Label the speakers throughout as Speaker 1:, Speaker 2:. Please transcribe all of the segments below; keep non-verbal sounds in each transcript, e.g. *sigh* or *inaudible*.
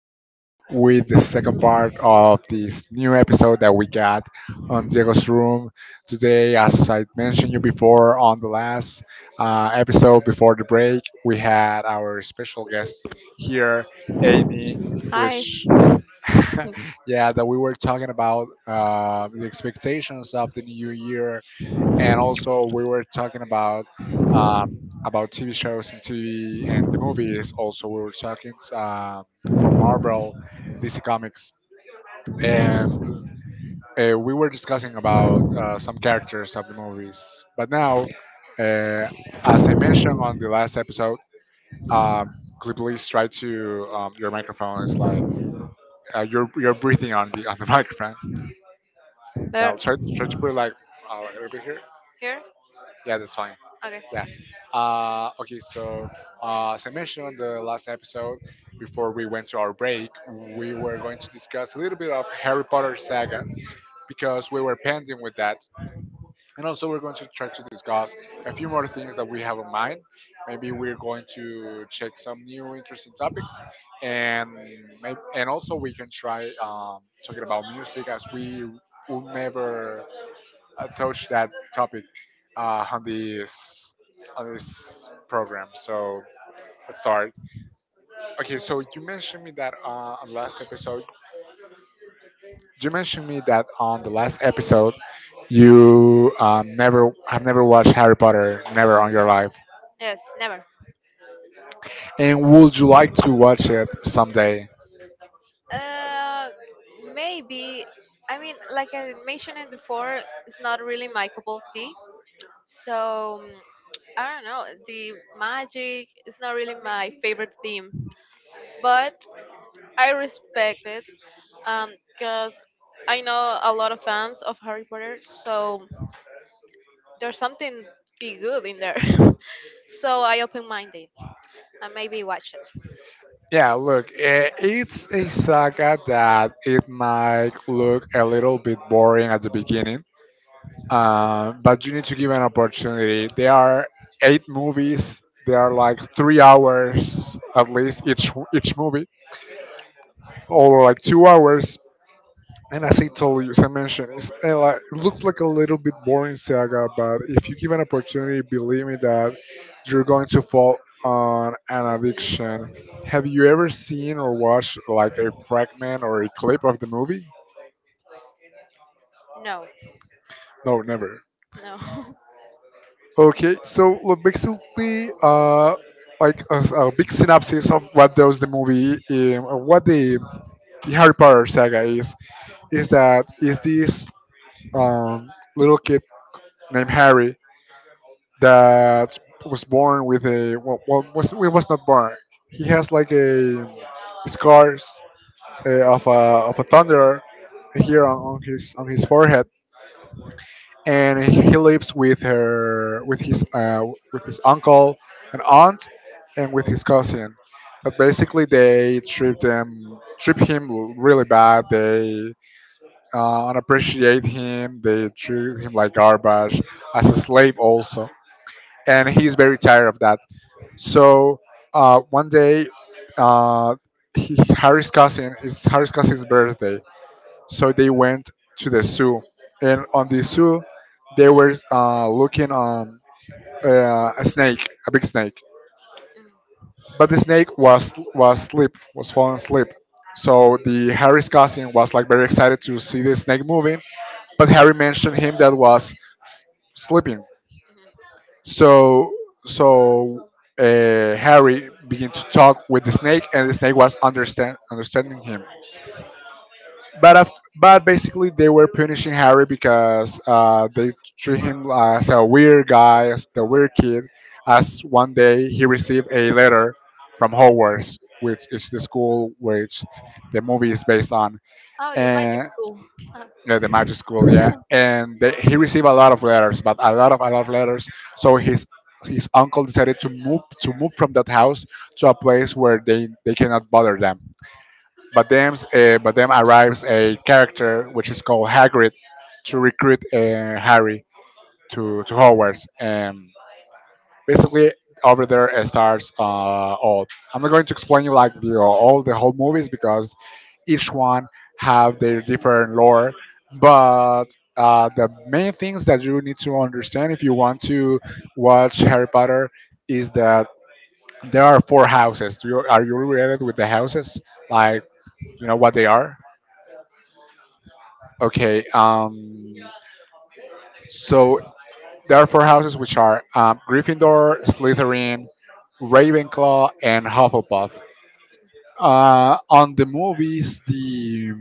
Speaker 1: again with the second part of this new episode that we got on Diego's room today. As I mentioned you before on the last episode before the break, we had our special guest here, Amy,
Speaker 2: Hi.
Speaker 1: which *laughs*
Speaker 2: *laughs*
Speaker 1: yeah, that we were talking about the expectations of the new year, and also we were talking um, about TV shows and TV and the movies. Also, we were talking from Marvel, DC Comics, and we were discussing about some characters of the movies. But now, uh, as I mentioned on the last episode, um, could you please try to your microphone is like you're breathing on the *laughs* microphone. Yeah,
Speaker 2: There,
Speaker 1: I'll try to put it like a little bit here.
Speaker 2: here?
Speaker 1: Yeah, that's fine.
Speaker 2: Okay.
Speaker 1: Yeah. Okay, so as I mentioned on the last episode, before we went to our break, we were going to discuss a little bit of Harry Potter saga because we were pending with that. And also, we're going to try to discuss a few more things that we have in mind. Maybe we're going to check some new interesting topics, and and also we can try talking about music as we will never touched that topic uh, on this on this program. So let's start. Okay, so you mentioned me that on the last episode, you mentioned me that on the last episode, you never watched Harry Potter, never on your life,
Speaker 2: Yes, never.
Speaker 1: and would you like to watch it someday?
Speaker 2: Uh, maybe. I mean, like I mentioned it before, it's not really my cup of tea. So I don't know. The magic is not really my favorite theme, but I respect it because I know a lot of fans of Harry Potter, so there's something be good in there. *laughs* So I open-minded and maybe watch it.
Speaker 1: Yeah, look, eh, it's a saga that it might look a little bit boring at the beginning, but you need to give an opportunity. There are eight movies. They are like three hours at least each movie, or like two hours. And as I told you, as I mentioned, it's, like, it looks like a little bit boring saga, but if you give an opportunity, believe me that you're going to fall on an addiction. Have you ever seen or watched like a fragment or a clip of the movie?
Speaker 2: No,
Speaker 1: No, never.
Speaker 2: no. *laughs*
Speaker 1: Okay, so look, basically, like a big synopsis of what does the movie, or what the Harry Potter saga is that is this little kid named Harry that was born with a well, well was he was not born. He has like a scars of a thunder here on his forehead, and he lives with his uncle and aunt and with his cousin, but basically they treat him really bad. They unappreciate him, they treat him like garbage, as a slave also, and he's very tired of that. So one day uh, harry's cousin is harry's cousin's birthday, so they went to the zoo, and on the zoo they were looking a snake, a big snake. But the snake was asleep, was falling asleep, so the harry's cousin was like very excited to see the snake moving, but harry mentioned him that was s- sleeping. So so uh, harry began to talk with the snake, and the snake was understanding him. But af- but basically they were punishing Harry because they treat him as a weird guy, as the weird kid. As one day he received a letter from Hogwarts, which is the school which the movie is based on,
Speaker 2: Oh, the magic
Speaker 1: and
Speaker 2: school. Uh,
Speaker 1: yeah, the magic school, yeah. And he received a lot of letters, but a lot of letters. So his uncle decided to move, from that house to a place where they cannot bother them. But then, arrives a character which is called Hagrid to recruit Harry to Hogwarts, and basically over there starts all. I'm not going to explain you like all the whole movies because each one have their different lore, but the main things that you need to understand if you want to watch Harry Potter is that there are four houses. Are you related with the houses? Like, you know what they are? Okay. So there are four houses, which are Gryffindor, Slytherin, Ravenclaw, and Hufflepuff. On the movies,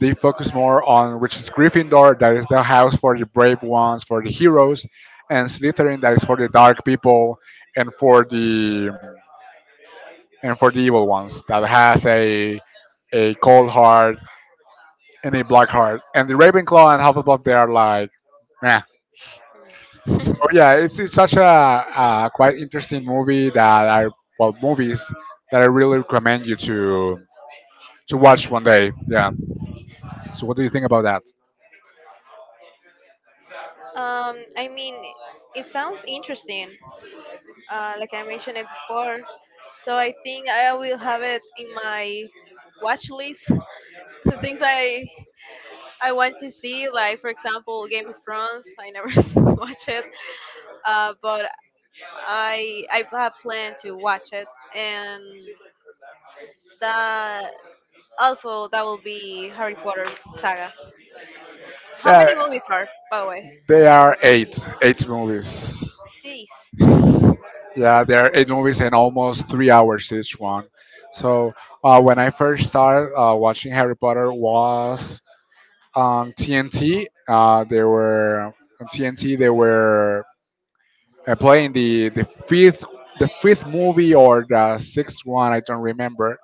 Speaker 1: they focus more on which is Gryffindor, that is the house for the brave ones, for the heroes, and Slytherin, that is for the dark people and for the evil ones that has a cold heart and a black heart. And the Ravenclaw and Hufflepuff, they are like, meh. So yeah, it's such a quite interesting movie that are, well, movies that I really recommend you to watch one day. Yeah. So what do you think about that?
Speaker 2: I mean, it sounds interesting. Like I mentioned it before, so I think I will have it in my watch list. *laughs* The things I want to see, like for example, Game of Thrones. I never *laughs* watch it, but I have planned to watch it, and that also, that will be Harry Potter saga. How
Speaker 1: Yeah,
Speaker 2: many movies are, by the way?
Speaker 1: they are eight movies.
Speaker 2: Jeez.
Speaker 1: Yeah, there are eight movies and almost three hours each one. So when I first started watching Harry Potter was on TNT. They were on TNT. They were playing the fifth movie or the sixth one. I don't remember.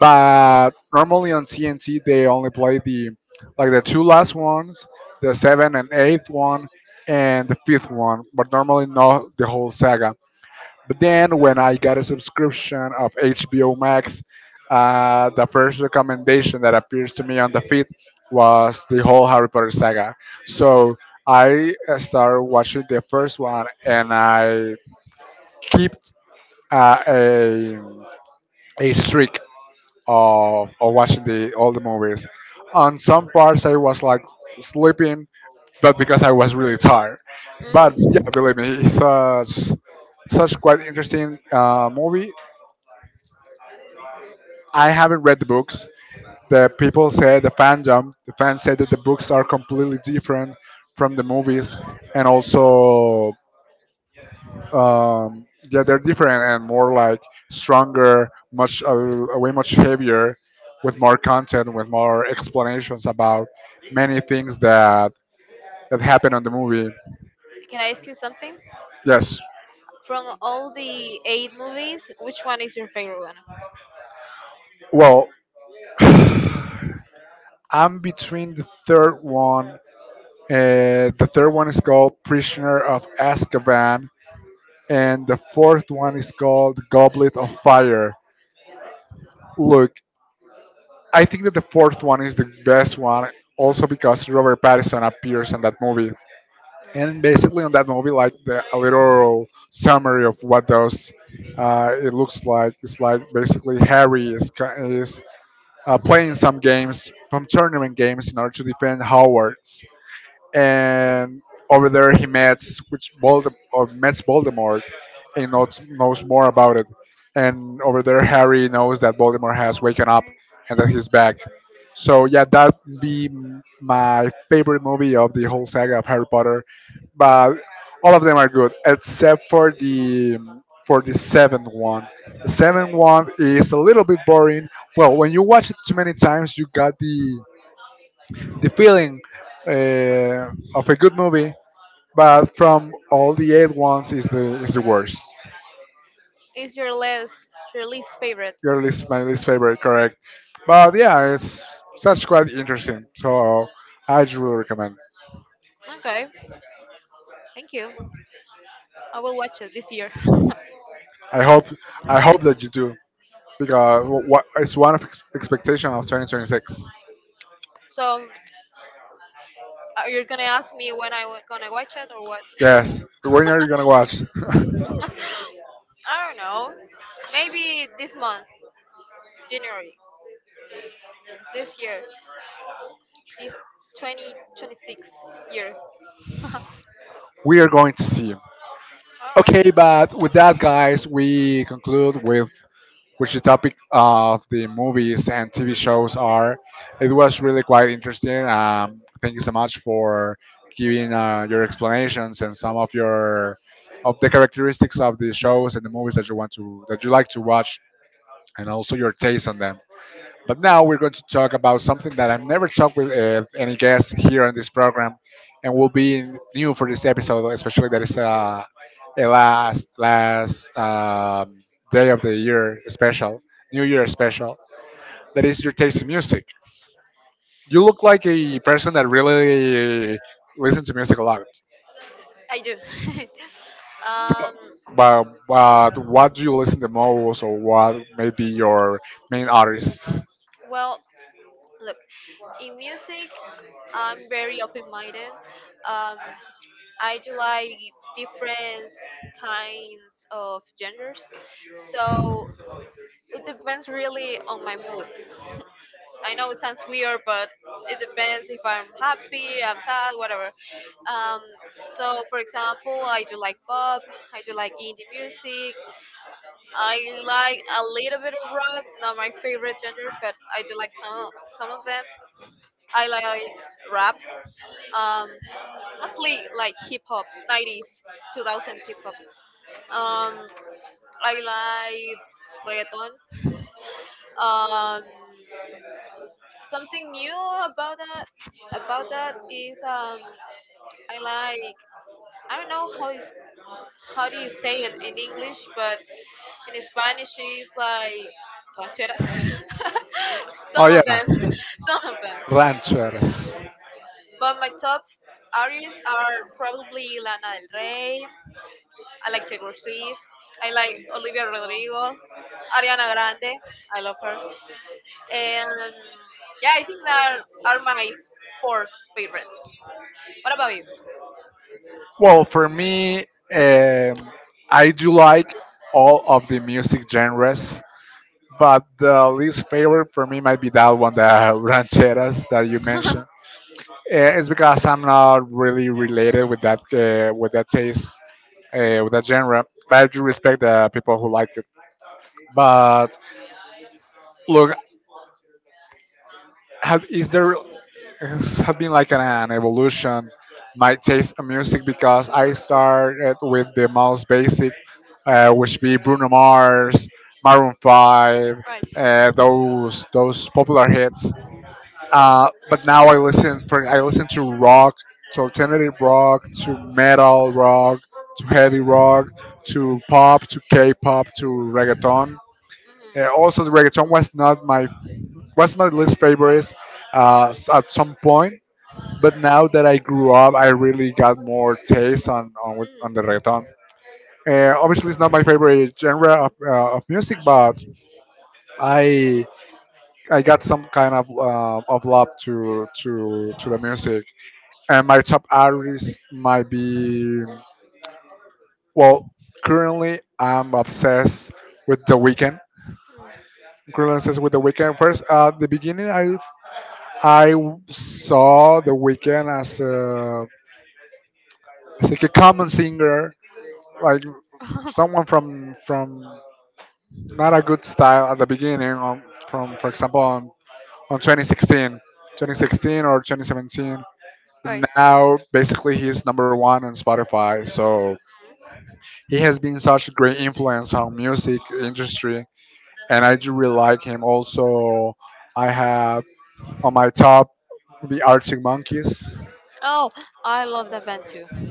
Speaker 1: But normally on TNT they only play the like the two last ones, the seventh and eighth one, and the fifth one. But normally not the whole saga. But then when I got a subscription of HBO Max, the first recommendation that appears to me on the feed was the whole Harry Potter saga. So I started watching the first one, and I kept uh, a a streak of watching the all the movies. On some parts, I was like sleeping, but because I was really tired. But yeah,
Speaker 2: Mm.
Speaker 1: believe me, it's such quite interesting movie. I haven't read the books. The people say the fandom, the fans say that the books are completely different from the movies, and also yeah, they're different and more like stronger, much way much heavier, with more content, with more explanations about many things that happen on the movie.
Speaker 2: Can I ask you something?
Speaker 1: Yes.
Speaker 2: From all the eight movies, which one is your favorite one?
Speaker 1: Well, *sighs* I'm between the third one. The third one is called Prisoner of Azkaban, and the fourth one is called Goblet of Fire. Look, I think that the fourth one is the best one, also because Robert Pattinson appears in that movie. And
Speaker 2: Mm.
Speaker 1: basically, on that movie, like a little summary of what those it looks like. It's like basically Harry is playing some games, some tournament games, in order to defend Howard, and over there he meets Voldemort and knows more about it. And over there, Harry knows that Voldemort has woken up and that he's back. So yeah, that'd be my favorite movie of the whole saga of Harry Potter. But all of them are good except for the seventh one. The seventh one is a little bit boring. Well, when you watch it too many times, you got the feeling uh, of a good movie, but from all the eight ones is the worst.
Speaker 2: Is your least favorite?
Speaker 1: Your least, my least favorite, correct? But yeah, it's such quite interesting. So I truly recommend.
Speaker 2: Okay, thank you. I will watch it this year.
Speaker 1: I hope I hope that you do because wh- what it's one of expectation of 2026.
Speaker 2: So, are you gonna ask me when I w- gonna watch it or what?
Speaker 1: Yes, when are you gonna watch? *laughs*
Speaker 2: I don't know. Maybe this month, January, this year, this 2026 year. *laughs* All
Speaker 1: we are going to see.
Speaker 2: right.
Speaker 1: Okay, but with that, guys, we conclude with which the topic of the movies and TV shows are. It was really quite interesting. Thank you so much for giving your explanations and some of your of the characteristics of the shows and the movies that you want to that you like to watch, and also your taste on them. But now we're going to talk about something that I've never talked with any guests here on this program, and will be new for this episode, especially that it's a last day of the year special, New Year special. That is your taste in music. You look like a person that really listens to music a lot.
Speaker 2: I do. *laughs* um,
Speaker 1: But what do you listen the most, or what may be your main artist?
Speaker 2: well, look, in music, I'm very open-minded. Um, I do like different kinds of genders, so it depends really on my mood. I know it sounds weird, but it depends if I'm happy, I'm sad, whatever. Um, so, for example, I do like pop, I do like indie music, I like a little bit of rock, not my favorite genre, but I do like some of them. I like rap, um, mostly like hip hop, 90s, 2000 hip hop. Um, I like reggaeton. Um, Something new about that about that is I like I don't know how is how do you say it in English, but in Spanish it's like rancheras. *laughs*
Speaker 1: Oh
Speaker 2: Some of
Speaker 1: yeah,
Speaker 2: them, *laughs* some of them.
Speaker 1: ranchers.
Speaker 2: But my top artists are probably Lana Del Rey. I like Taylor Swift. I like Olivia Rodrigo, Ariana Grande. I love her. And yeah, I think that are my four favorites. What about you?
Speaker 1: Well, for me, um, I
Speaker 2: *laughs*
Speaker 1: do like all of the music genres, but the least favorite for me might be that one, the *laughs* rancheras that you mentioned. Eh, it's
Speaker 2: *laughs*
Speaker 1: because I'm not really related with that taste, with that genre. But I do respect the people who like it. But look, is there *laughs* has have been like an evolution my taste in music because I started with the most basic, which be Bruno Mars, Maroon Five, those popular hits. But now I listen to rock, to alternative rock, to metal rock, to heavy rock, to pop, to K-pop, to reggaeton.
Speaker 2: Hmm
Speaker 1: Also, the reggaeton was not my was my least favorite at some point. But now that I grew up, I really got more taste on the reggaeton. Obviously, it's not my favorite genre of music, but I I got some kind of love to the music. And my top artists might be well. Currently, I'm obsessed with The Weeknd. I'm currently obsessed with The Weeknd. First, the beginning, I saw The Weeknd as a as like a common singer, like
Speaker 2: hmm
Speaker 1: someone from not a good style at the beginning. From for example on 2016, 2016 or 2017.
Speaker 2: *laughs* right.
Speaker 1: Now, basically, he's number one on Spotify. So he has been such a great influence on music industry, and I do really like him. Also, I have on my top the Arctic Monkeys.
Speaker 2: Oh, I love that band too. *laughs*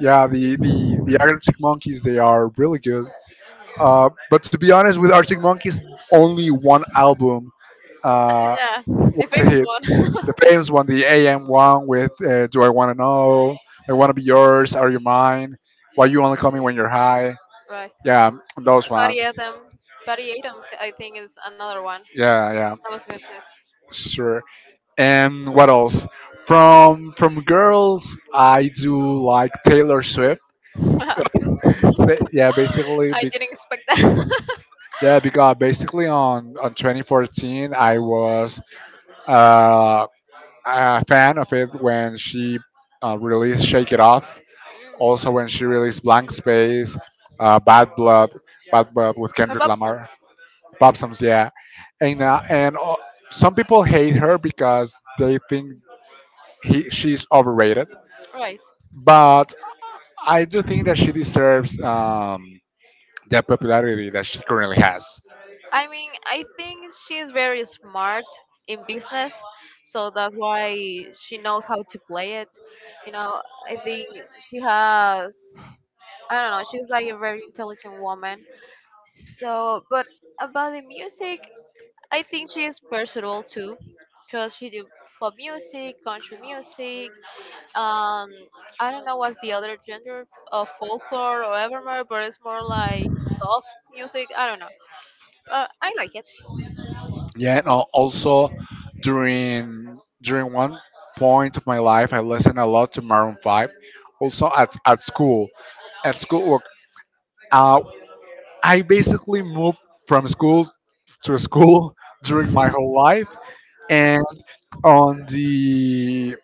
Speaker 1: Yeah, the Arctic Monkeys, they are really good. But to be honest, with Arctic Monkeys, only one album uh,
Speaker 2: Yeah, the
Speaker 1: was a
Speaker 2: famous
Speaker 1: hit.
Speaker 2: one. *laughs*
Speaker 1: The famous one, the AM one with "Do I Want to Know," "I Want to Be Yours," "Are You Mine," "Why You Only Call Me When You're High."
Speaker 2: Right.
Speaker 1: Yeah, those ones.
Speaker 2: Parietam. Parietam, I think, is another one.
Speaker 1: Yeah, yeah,
Speaker 2: That was good too.
Speaker 1: sure. And what else? From girls, I do like Taylor Swift.
Speaker 2: *laughs*
Speaker 1: But yeah, basically,
Speaker 2: I
Speaker 1: be,
Speaker 2: didn't expect that. *laughs*
Speaker 1: Yeah, because basically on 2014, I was uh, a fan of it when she released Shake It Off.
Speaker 2: Mm.
Speaker 1: Also, when she released Blank Space, uh, Bad Blood, Bad Blood with
Speaker 2: Her
Speaker 1: Kendrick
Speaker 2: pop
Speaker 1: Lamar,
Speaker 2: songs.
Speaker 1: pop songs, yeah. And Some people hate her because they think he she's overrated,
Speaker 2: Right.
Speaker 1: but I do think that she deserves the popularity that she currently has.
Speaker 2: I mean, I think she's very smart in business, so that's why she knows how to play it. You know, I think she has, I don't know, she's like a very intelligent woman. So, but about the music, I think she is versatile too, because she do pop music, country music, um, I don't know what's the other genre of folklore or evermore, but it's more like soft music. I don't know. I like it.
Speaker 1: Yeah, and also during one point of my life, I listened a lot to Maroon Five. Also at school, at school, work, uh, I basically moved from school to school *laughs* during my whole life, and on the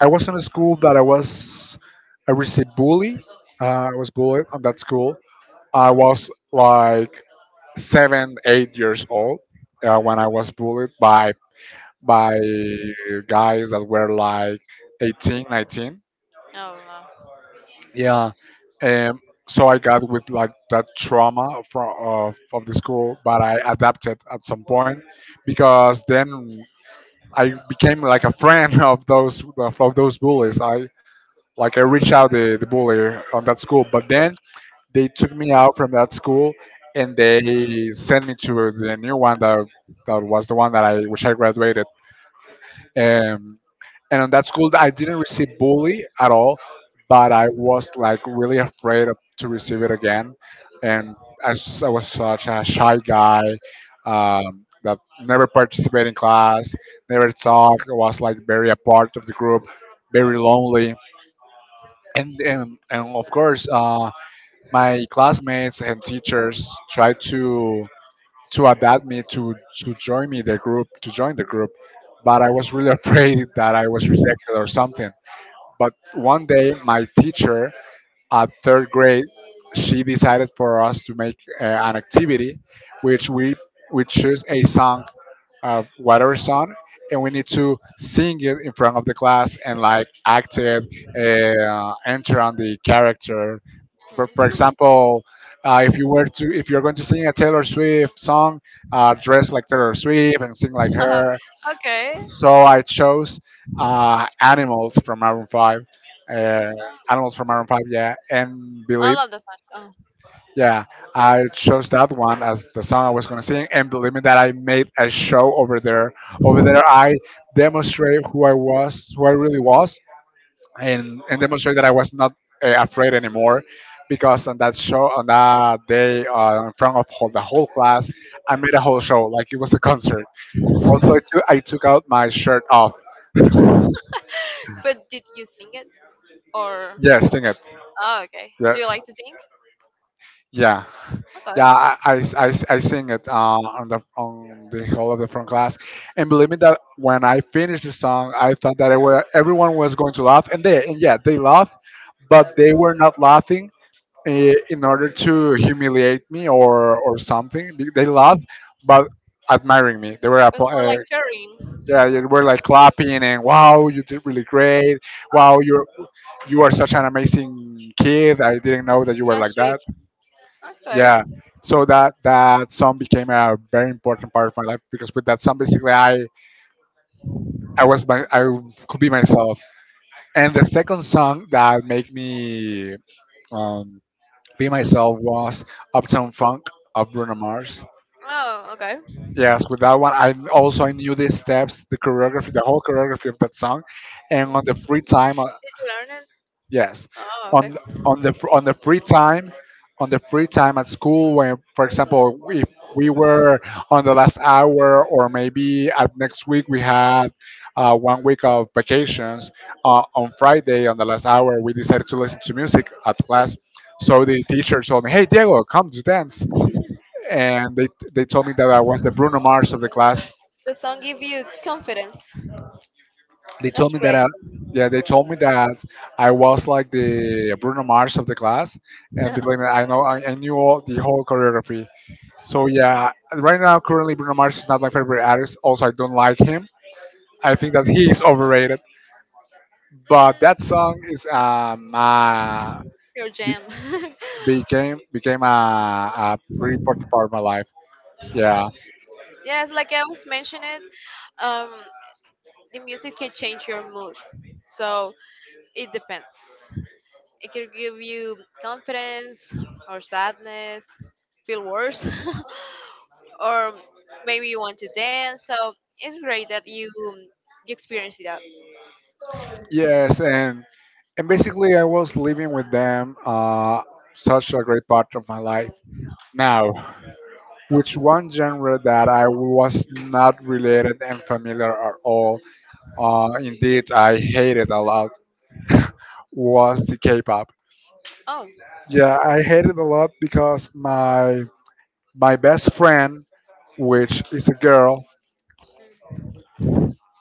Speaker 1: I was in a school that I received bully. I was bullied on that school. I was like seven, 8 years old when I was bullied by guys that were like 18, 19.
Speaker 2: Oh wow.
Speaker 1: Yeah. Um, so I got with like that trauma from of the school, but I adapted at some point because then I became like a friend *laughs* of those of those bullies. I reached out the bully on that school, but then they took me out from that school and they sent me to the new one that was the one that I which I graduated. Um, and on that school, I didn't receive bully at all, but I was like really afraid to receive it again. And I was such a shy guy that never participated in class, never talked. I was like very apart of the group, very lonely. And of course, my classmates and teachers tried to adapt me to join the group, but I was really *laughs* afraid that I was rejected or something. But one day, my teacher at third grade, she decided for us to make an activity, which we choose a song, whatever song, and we need to sing it in front of the class and like act it, enter on the character, but for
Speaker 2: Mhm.
Speaker 1: example, if you're going to sing a Taylor Swift song, dress like Taylor Swift and sing like
Speaker 2: *laughs*
Speaker 1: her.
Speaker 2: Okay.
Speaker 1: So I chose Animals from Maroon Five. Uh, Animals from Maroon Five, yeah, and
Speaker 2: I
Speaker 1: Believe.
Speaker 2: love the song. Oh.
Speaker 1: Yeah, I chose that one as the song I was going to sing, and believe me that I made a show over there. Over there, I demonstrate who I was, who I really was, and demonstrate that I was not afraid anymore, because on that show on that day in front of the whole class, I made a whole show like it was a concert. Also, I took out my shirt off.
Speaker 2: But did you sing it or?
Speaker 1: Yeah, sing it.
Speaker 2: Oh, okay. Do you
Speaker 1: Yes.
Speaker 2: like to sing?
Speaker 1: Yeah,
Speaker 2: Okay.
Speaker 1: yeah, I sing it on the whole of the front class, and believe me that when I finished the song, I thought that everyone was going to laugh, and yeah, they laughed, but they were not laughing in order to humiliate me or something. They laughed, but admiring me.
Speaker 2: It's more like
Speaker 1: Yeah, they
Speaker 2: sharing.
Speaker 1: were like clapping and wow, you did really great. Wow,
Speaker 2: Oh,
Speaker 1: you are such an amazing kid. I didn't know that you were
Speaker 2: that's
Speaker 1: like
Speaker 2: sweet.
Speaker 1: that.
Speaker 2: Okay.
Speaker 1: Yeah. So that that song became a very important part of my life because with that song basically I was my I could be myself. And the second song that made me um, be myself was Uptown Funk of Bruno Mars.
Speaker 2: Oh, okay.
Speaker 1: Yes, with that one, I knew the steps, the choreography, the whole choreography of that song, and on the free time,
Speaker 2: Did you learn it?
Speaker 1: yes,
Speaker 2: Oh,
Speaker 1: on
Speaker 2: okay.
Speaker 1: on the free time, on the free time at school, when for example, if we were on the last hour or maybe at next week we had 1 week of vacations, on Friday on the last hour we decided to listen to music at class, so the teacher told me, "Hey Diego, come to dance." And they told me that I was the Bruno Mars of the class.
Speaker 2: The song give you confidence.
Speaker 1: They
Speaker 2: That's
Speaker 1: told me that
Speaker 2: great.
Speaker 1: I, Yeah, they told me that I was like the Bruno Mars of the class, and believe
Speaker 2: *laughs*
Speaker 1: me, I knew all the whole choreography. So yeah, right now currently Bruno Mars is not my favorite artist. Also, I don't like him. I think that he is overrated. But that song is
Speaker 2: Your
Speaker 1: be,
Speaker 2: jam.
Speaker 1: became became a pretty important part of my life. Yeah.
Speaker 2: *laughs* Yes, like I was mentioning, um, the music can change your mood. So it depends. It can give you confidence or sadness, feel worse, *laughs* or maybe you want to dance. So it's great that you experience that.
Speaker 1: Yes, and basically I was living with them. Such a great part of my life now, which one genre that I was not related and familiar at all. Indeed, I hated a lot *laughs* was the K-pop.
Speaker 2: Oh.
Speaker 1: Yeah, I hated a lot because my best friend, which is a girl,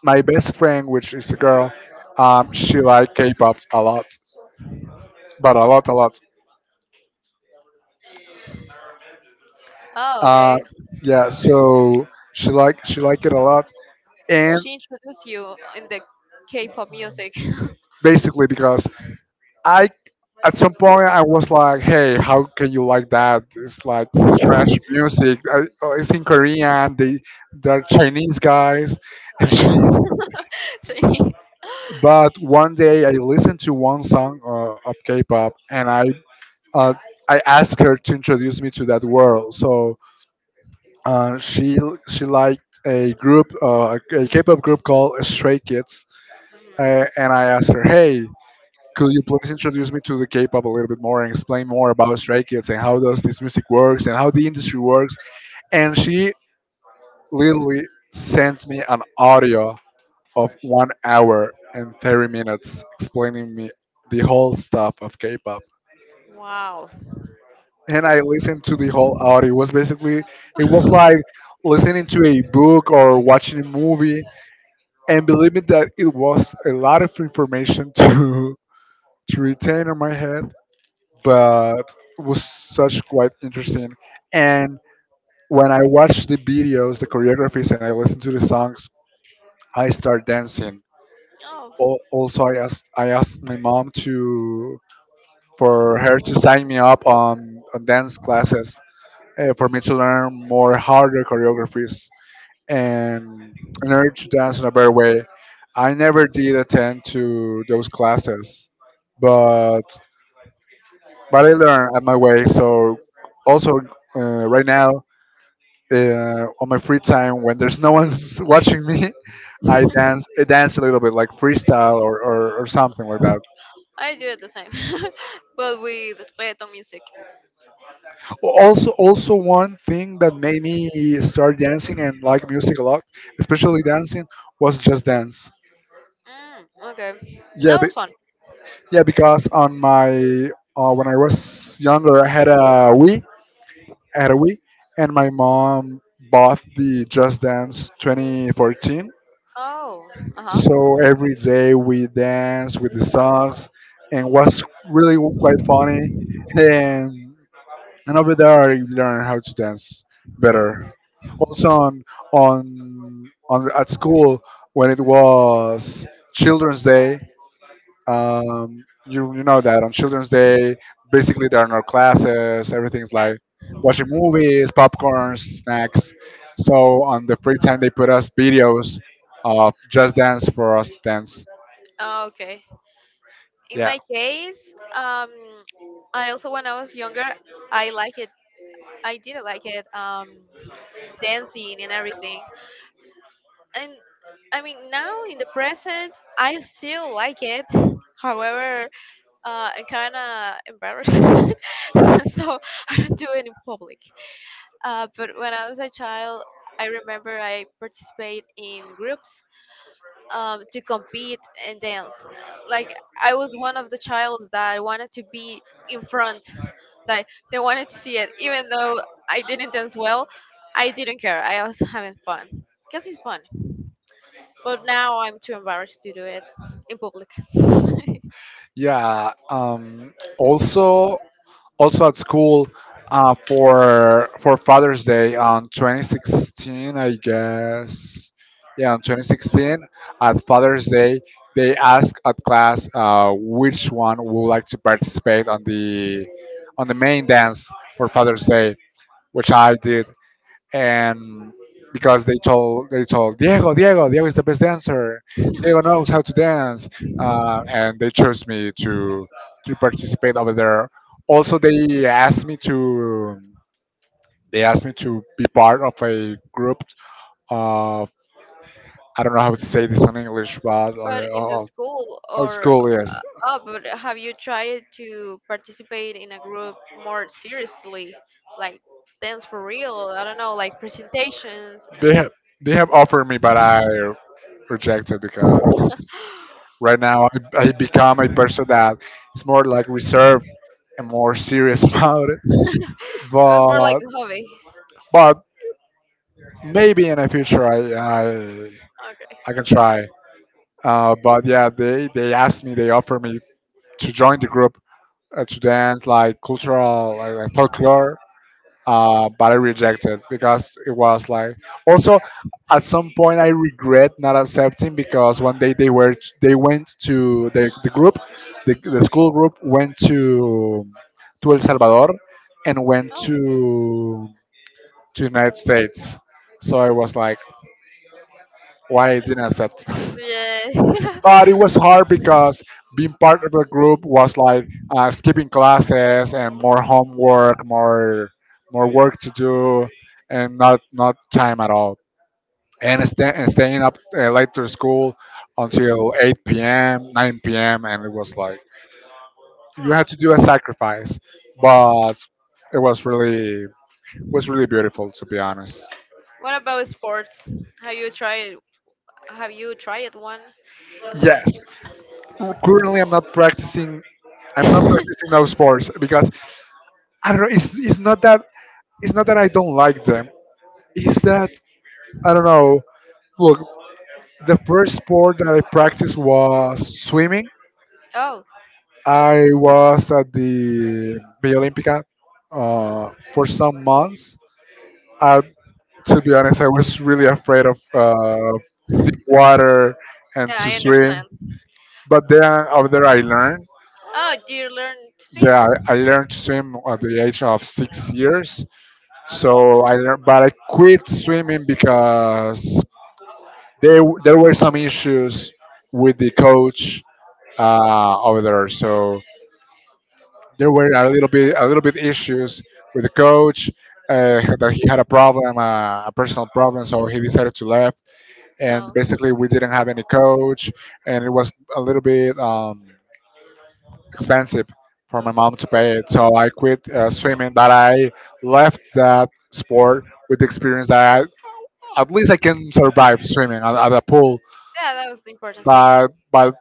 Speaker 1: my best friend, which is a girl,
Speaker 2: Oh,
Speaker 1: she liked K-pop a lot, but a lot, a lot.
Speaker 2: Oh,
Speaker 1: Uh,
Speaker 2: okay.
Speaker 1: yeah, so she liked it a lot, and
Speaker 2: She introduced you in the K-pop music. *laughs*
Speaker 1: basically because I at some point I was like, hey, how can you like that? It's like trash music. Oh, it's in Korean. They're Chinese guys, and she.
Speaker 2: Right? *laughs* She-
Speaker 1: But one day I listened to one song of K-pop, and uh, I asked her to introduce me to that world. So uh, she she liked a group, a K-pop group called Stray Kids,
Speaker 2: Mhm.
Speaker 1: and I asked her, hey. Could you please introduce me to the K-pop a little bit more and explain more about Stray Kids and how does this music works and how the industry works? And she literally sent me an audio of 1 hour and 30 minutes explaining me the whole stuff of K-pop.
Speaker 2: Wow.
Speaker 1: And I listened to the whole audio. It was like listening to a book or watching a movie. And believe me that it was a lot of information to *laughs* to retain in my head, but was such quite interesting. And when I watched the videos, the choreographies, and I listened to the songs, I start dancing. Also, I asked my mom to for
Speaker 2: Oh.
Speaker 1: her to sign me up on dance classes for me to learn more harder choreographies and learn to dance in a better way. I never did attend to those classes, but but I learn at my way. So also right now on my free time when there's no one's *laughs* watching me, I dance a little bit like freestyle or something like that.
Speaker 2: I do it the same, *laughs* but with reggaeton music.
Speaker 1: Also also one thing that made me start dancing and like music a lot, especially dancing, was just dance.
Speaker 2: Mm, okay,
Speaker 1: Yeah,
Speaker 2: that
Speaker 1: be,
Speaker 2: was fun.
Speaker 1: yeah, because on my when I was younger, I had a Wii, I had a Wii, and my mom bought the Just Dance 2014.
Speaker 2: Oh, uh
Speaker 1: So
Speaker 2: huh.
Speaker 1: every day we dance with the songs, and was really quite funny. And and over there I learned how to dance better. Also on at school when it was Children's Day, you know that on Children's Day, basically there are no classes. Everything's like
Speaker 2: Yes.
Speaker 1: watching movies, popcorn, snacks. So on the free time, they put us videos of Just Dance for us to dance.
Speaker 2: Okay. In
Speaker 1: Yeah.
Speaker 2: my case, I also when I was younger, I like it. I didn't like it. Dancing and everything. And I mean, now in the present, I still like it. However, and kind of embarrassed. *laughs* So I don't do it in public. But when I was a child, I remember I participate in groups to compete and dance. Like I was one of the childs that wanted to be in front. Like they wanted to see it, even though I didn't dance well. I didn't care. I was having fun because it's fun. But now I'm too embarrassed to do it in public.
Speaker 1: Yeah. Also, also at school for Father's Day on 2016, I guess. Yeah, on 2016 at Father's Day, they asked at class, which one would like to participate on the main dance for Father's Day, which I did. And because they told Diego, Diego is the best dancer. Diego knows how
Speaker 2: *laughs*
Speaker 1: to dance, and they chose me to participate over there. Also, they asked me to be part of a group of— I don't know how to say this in English, but like,
Speaker 2: But in the
Speaker 1: oh,
Speaker 2: school
Speaker 1: oh, it's
Speaker 2: or
Speaker 1: cool. Yes.
Speaker 2: oh, but have you tried to participate in a group more seriously, like dance for real? I don't know, like presentations. And
Speaker 1: They
Speaker 2: it
Speaker 1: have they have offered me, but I rejected, because right now I become a person that is more like reserved and more serious *laughs* about it,
Speaker 2: was more like
Speaker 1: but—
Speaker 2: a hobby.
Speaker 1: but maybe in the future
Speaker 2: Okay.
Speaker 1: I can try. But yeah, they offered me to join the group, to dance like cultural, like folklore. But I rejected because it was like, also, at some point I regret not accepting, because one day they were— they went to the, the group the school group went to El Salvador and went to United States. So I
Speaker 2: Oh.
Speaker 1: was like, why I didn't accept? *laughs*
Speaker 2: Yeah. *laughs*
Speaker 1: But it was hard because being part of a group was like, skipping classes and more homework, more work to do, and not time at all. And, staying up late to school until 8 p.m., 9 p.m. And it was like you
Speaker 2: Oh.
Speaker 1: had to do a sacrifice, but it was really— was really beautiful, to be honest.
Speaker 2: What about sports? Have you tried have you tried one?
Speaker 1: Yes, currently I'm not practicing now
Speaker 2: *laughs*
Speaker 1: sports, because I don't know. It's not that I don't like them. It's that I don't know. Look, the first sport that I practiced was swimming.
Speaker 2: Oh,
Speaker 1: I was at the Villa Olímpica for some months. I, to be honest, I was really afraid of, water and
Speaker 2: yeah,
Speaker 1: to
Speaker 2: I
Speaker 1: swim.
Speaker 2: understand.
Speaker 1: But then, after I learned,
Speaker 2: Oh, do you learn to swim?
Speaker 1: yeah, I learned to swim at the age of 6 years. So I learned, but I quit swimming because there were some issues with the coach, over there. So there were a little bit issues with the coach, that he had a problem, a personal problem. So he decided to left, and
Speaker 2: Oh.
Speaker 1: basically we didn't have any coach, and it was a little bit, expensive for my
Speaker 2: Okay.
Speaker 1: mom to pay it. So I quit, swimming, but I left that sport with the experience that at least I can survive swimming at a pool.
Speaker 2: Yeah, that was the important thing.
Speaker 1: But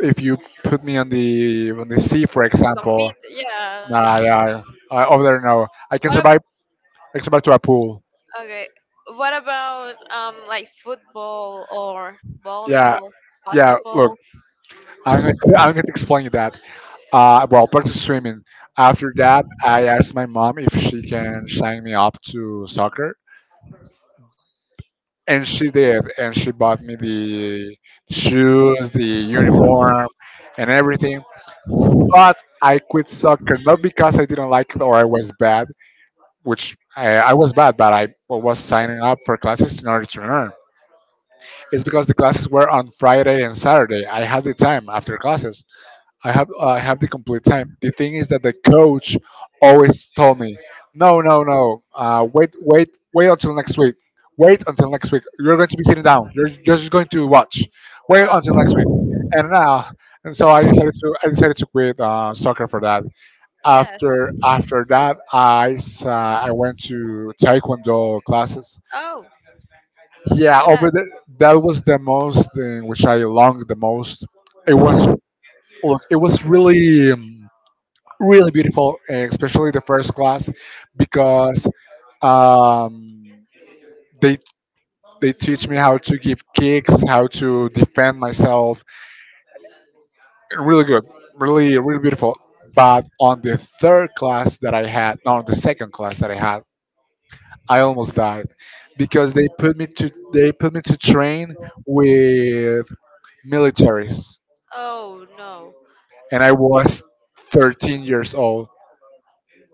Speaker 1: if you put me on the sea, for
Speaker 2: To
Speaker 1: example,
Speaker 2: compete, yeah.
Speaker 1: nah, yeah, I, over there, no, I can
Speaker 2: What
Speaker 1: survive.
Speaker 2: ab-
Speaker 1: I can survive to a pool.
Speaker 2: Okay. What about like football or
Speaker 1: Yeah,
Speaker 2: volleyball,
Speaker 1: yeah. Look,
Speaker 2: basketball?
Speaker 1: *laughs* I'm going to explain you that. Well, practice swimming. After that, I asked my mom if she can sign me up to soccer, and she did, and she bought me the shoes, the uniform, and everything. But I quit soccer, not because I didn't like it or I was bad, which I was bad, but I was signing up for classes in order to learn. It's because the classes were on Friday and Saturday. I had the time after classes. I have, I have the complete time. The thing is that the coach always told me, no, no, no, wait, wait, wait until next week. Wait until next week. You're going to be sitting down. You're just going to watch. Wait
Speaker 2: Uh,
Speaker 1: until next week. And now, and so I decided to quit, soccer for that.
Speaker 2: yes.
Speaker 1: After that I went to taekwondo classes.
Speaker 2: Oh,
Speaker 1: Yeah,
Speaker 2: look at
Speaker 1: over
Speaker 2: that.
Speaker 1: the— that was the most thing which I longed the most. It was— look, it was really, really beautiful, eh, especially the first class, because, um they they teach me how to give kicks, how to defend myself, really good, really really beautiful. But on the third class that I had— no, on the second class that I had, I almost died because they put me to train with militaries.
Speaker 2: Oh no,
Speaker 1: And I was 13 years old—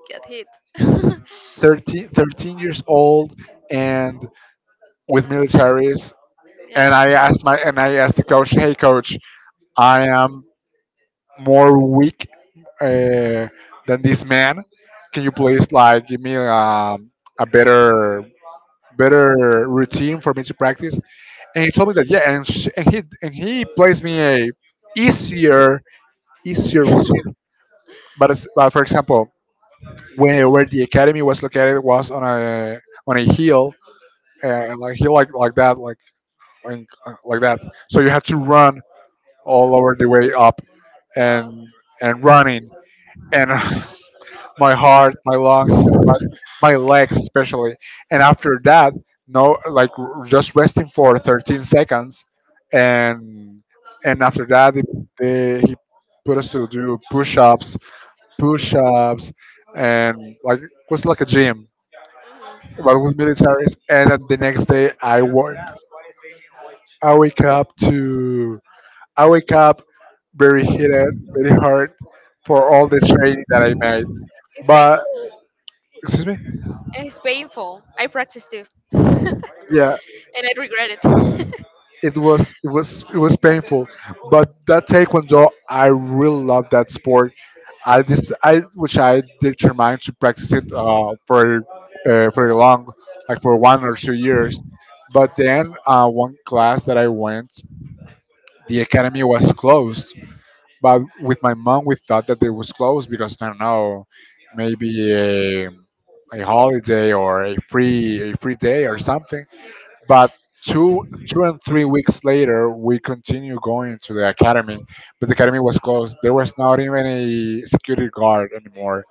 Speaker 2: get hit. *laughs*
Speaker 1: thirteen years old, and with militaries. And
Speaker 2: Yeah.
Speaker 1: i asked the coach, hey coach, I am more weak, uh, than this man. Can you please like give me, a
Speaker 2: Nice.
Speaker 1: better— better routine for me to practice? And he told me that yeah, and sh and he plays me a easier— easier routine. But it's— but for example, where the academy was located was on a— on a hill, like hill like that, like, like that. So you had to run all over the way up
Speaker 2: Oh.
Speaker 1: and— and running, and *laughs* my heart, my lungs, my legs especially. And after that, no, like just resting for 13 seconds, and— and after that, he put us to do push-ups, push-ups, and like it was like a gym, but with militaries. And then the next day, I work— I
Speaker 2: Mhm.
Speaker 1: wake up to— I wake up very heated, very hard for all the training that I made.
Speaker 2: It's
Speaker 1: But,
Speaker 2: painful.
Speaker 1: excuse me.
Speaker 2: It's painful. I practiced it
Speaker 1: Yeah.
Speaker 2: and I regret
Speaker 1: It was painful, but that taekwondo, I really love that sport. I this I which I determined to practice it, for long, like for 1 or 2 years. But then, one class that I went, the academy was closed. But with my mom we thought that it was closed because I don't know, maybe a
Speaker 2: it. *laughs*
Speaker 1: holiday or a free day or something. But two 2 and 3 weeks later, we continued going to the academy, but the academy was closed. There was not even a security guard anymore.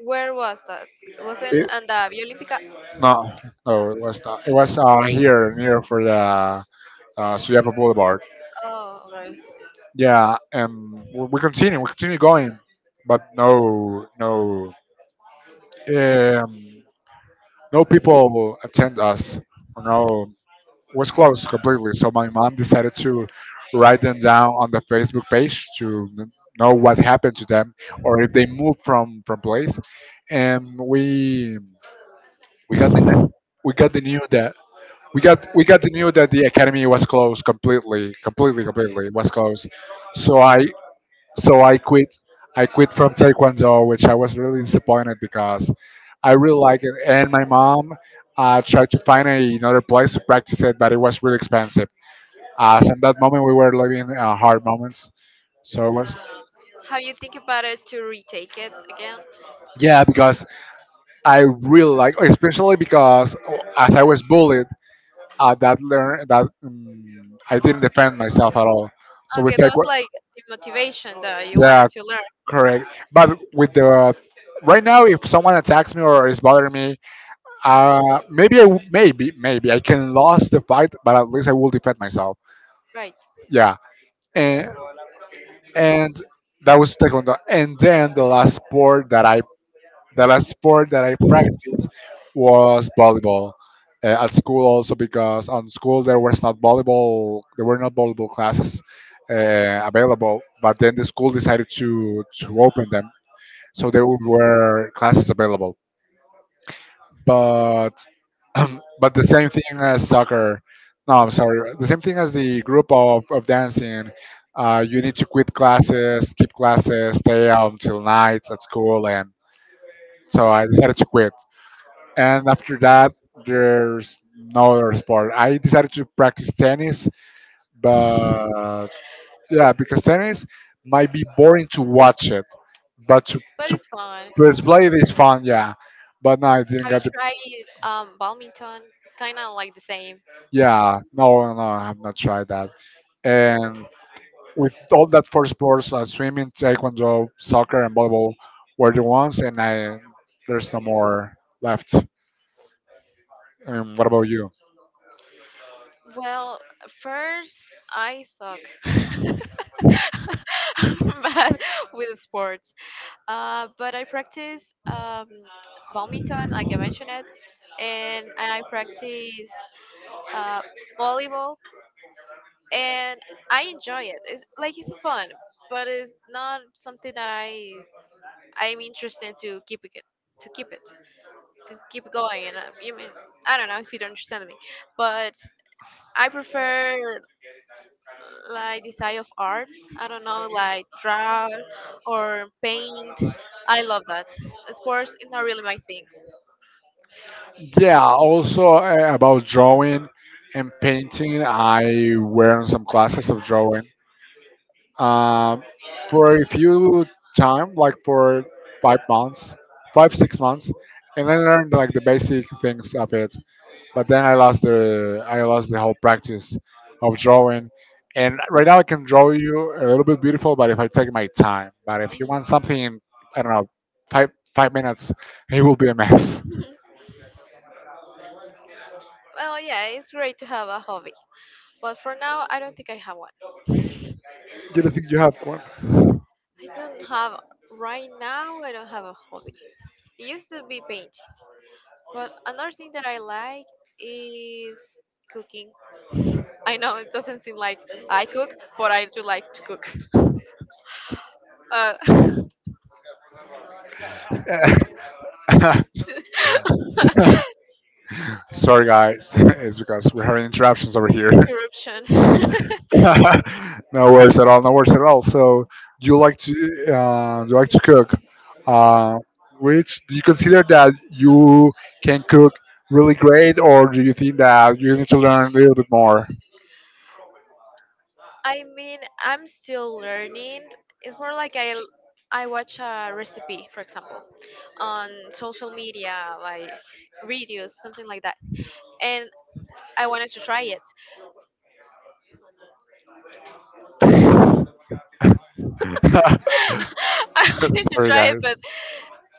Speaker 2: Where was that? Was it
Speaker 1: It—
Speaker 2: in the Via Olímpica?
Speaker 1: no,
Speaker 2: No.
Speaker 1: no, it was not. It was, here near for the, Suyapa Boulevard.
Speaker 2: Oh, right.
Speaker 1: Yeah, and we continue going, but no, no, um, no people attend us. No, was closed completely. So my mom decided to write them down on the Facebook page to know what happened to them or if they moved from place. And we got the, we got the news that we got the news that the academy was closed completely, completely. It was closed. So I— so I quit. I quit from Taekwondo, which I was really disappointed because I really like it. And my mom, tried to find a, another place to practice it, but it was really expensive, as in that moment we were living, hard moments. So it was—
Speaker 2: Have you think about it to retake it again?
Speaker 1: yeah, because I really like, especially because, as I was bullied, that learn that, I didn't defend myself at all. So we
Speaker 2: Okay, that
Speaker 1: take
Speaker 2: was
Speaker 1: what,
Speaker 2: like the motivation that you
Speaker 1: yeah,
Speaker 2: wanted to learn,
Speaker 1: correct. But with the— right now, if someone attacks me or is bothering me, maybe I, maybe I can lose the fight, but at least I will defend myself.
Speaker 2: right?
Speaker 1: Yeah, and— and that was taekwondo. And then the last sport that I practiced was volleyball, at school, also because on school there was not volleyball— there were not volleyball classes
Speaker 2: Uh,
Speaker 1: available, but then the school decided to open them, so there were classes available, but *clears throat* but the same thing as soccer— no, I'm sorry, the same thing as the group of dancing. You need to quit classes, skip classes, stay out until night at school. And so I
Speaker 2: mm,
Speaker 1: decided to quit. And after that, there's no other sport. I decided to practice tennis, but— yeah, because tennis might be boring to watch it, but to—
Speaker 2: but
Speaker 1: to
Speaker 2: it's fun.
Speaker 1: let play it is fun, yeah. But no, I didn't
Speaker 2: Have you
Speaker 1: get the—
Speaker 2: tried badminton? It's kind of like the same.
Speaker 1: yeah, no, no, no, I have not tried that. And with all that four sports, swimming, taekwondo, soccer and volleyball, were the ones, and i— there's no more left. What about you?
Speaker 2: Well, first I suck. *laughs* Bad with sports. But I practice badminton, like I mentioned it, and I practice uh, volleyball and I enjoy it. It's like it's fun, but it's not something that I'm interested to keep it to keep it to keep going. And you mean I don't know if you don't understand me, but I prefer like the side of arts. I don't know like draw or paint. I love that. Sports is not really my thing.
Speaker 1: Yeah, also, about drawing and painting, I were in some classes of drawing, um, for a few time, like for 5 months, 5 6 months, and I learned like the basic things of it. But then I lost the whole practice of drawing. And right now I can draw you a little bit beautiful, but if I take my time, but if you
Speaker 2: Mhm.
Speaker 1: want something in, I don't know, five minutes, it will be a mess.
Speaker 2: *laughs* Well, yeah, it's great to have a hobby, but for now I don't think I have one.
Speaker 1: Do you think you have one?
Speaker 2: I don't have right now. I don't have a hobby. It used to be painting, but another thing that I like is cooking. I know it doesn't seem like I cook, but I do like to cook. Uh, *laughs*
Speaker 1: *laughs* Sorry, guys. *laughs* It's because we're having interruptions over here. *laughs*
Speaker 2: Corruption. *laughs*
Speaker 1: No worries at all. No worries at all. So, do you like to, do you like to cook? Uh, which do you consider that you can cook really great, or do you think that you need to learn a little bit more?
Speaker 2: I mean, I'm still learning. It's more like I watch a recipe, for example, on social media, like videos, something like that, and I wanted to try it. *laughs* I
Speaker 1: *laughs*
Speaker 2: wanted to
Speaker 1: Sorry,
Speaker 2: try it,
Speaker 1: guys.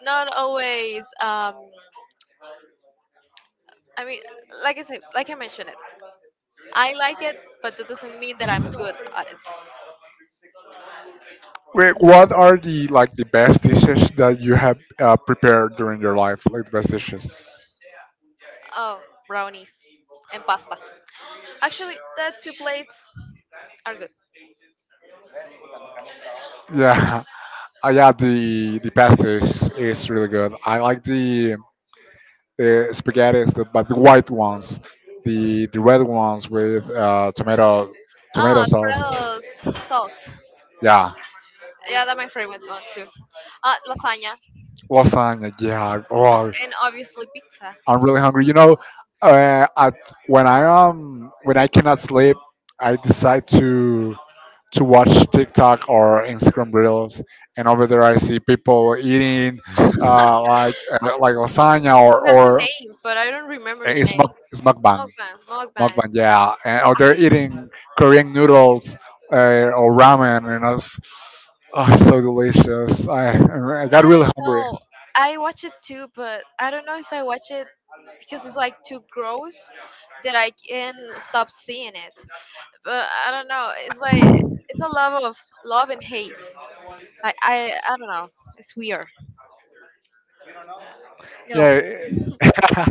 Speaker 2: not always I mean like I said like I mentioned it, I like it but that doesn't mean that I'm good at it.
Speaker 1: Wait, what are the— like the best dishes that you have, prepared during your life? Like the best dishes.
Speaker 2: Oh, brownies and pasta, actually the two plates are good.
Speaker 1: Yeah, *laughs* yeah. The pasta is really good. I like the spaghetti, but the white ones, the red ones with tomato
Speaker 2: Oh,
Speaker 1: sauce.
Speaker 2: alfredo's sauce,
Speaker 1: Yeah,
Speaker 2: yeah that's my favorite one too. Uh, lasagna
Speaker 1: lasagna. Yeah. Oh,
Speaker 2: and obviously pizza.
Speaker 1: I'm really hungry. Uh, at, when I when I cannot sleep, I decide to watch TikTok or Instagram reels, and over there I see people eating like lasagna or
Speaker 2: It has a
Speaker 1: or
Speaker 2: name but I don't remember
Speaker 1: and
Speaker 2: the name.
Speaker 1: it's mukbang,
Speaker 2: Mukbangs.
Speaker 1: mukbang, yeah. And, or they're eating Korean noodles, or ramen, and it's oh, it's so delicious. I
Speaker 2: I
Speaker 1: got
Speaker 2: don't
Speaker 1: really hungry.
Speaker 2: know. I watch it too, but I don't know if I watch it because it's like too gross that I can stop seeing it. But I don't know. It's like it's a love of love and hate. Like I don't know. It's weird. No.
Speaker 1: Yeah, *laughs*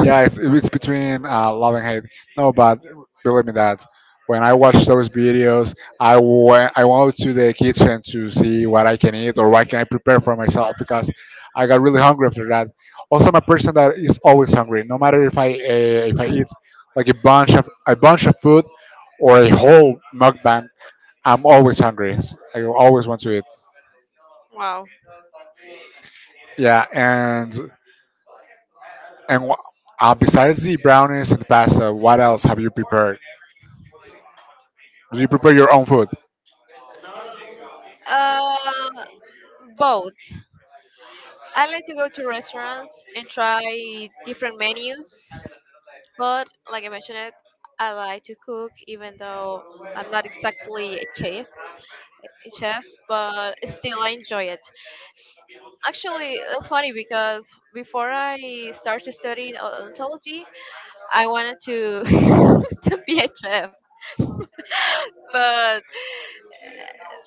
Speaker 1: yeah. It's between love and hate. No, but believe me that when I watch those videos, I went to the kitchen to see what I can eat or what can I prepare for myself because I got really hungry after that. Also, I'm a person that is always hungry, no matter if I eat like a bunch of food or a whole mukbang. I'm always hungry. I always want to eat.
Speaker 2: Wow.
Speaker 1: Yeah, and besides the brownies and pasta, what else have you prepared? Do you prepare your own food?
Speaker 2: Uh, Both. I like to go to restaurants and try different menus, but like I mentioned it, I like to cook even though I'm not exactly a chef. Chef, but still I enjoy it. Actually, it's funny because before I started studying odontology, I wanted to *laughs* to be a chef, but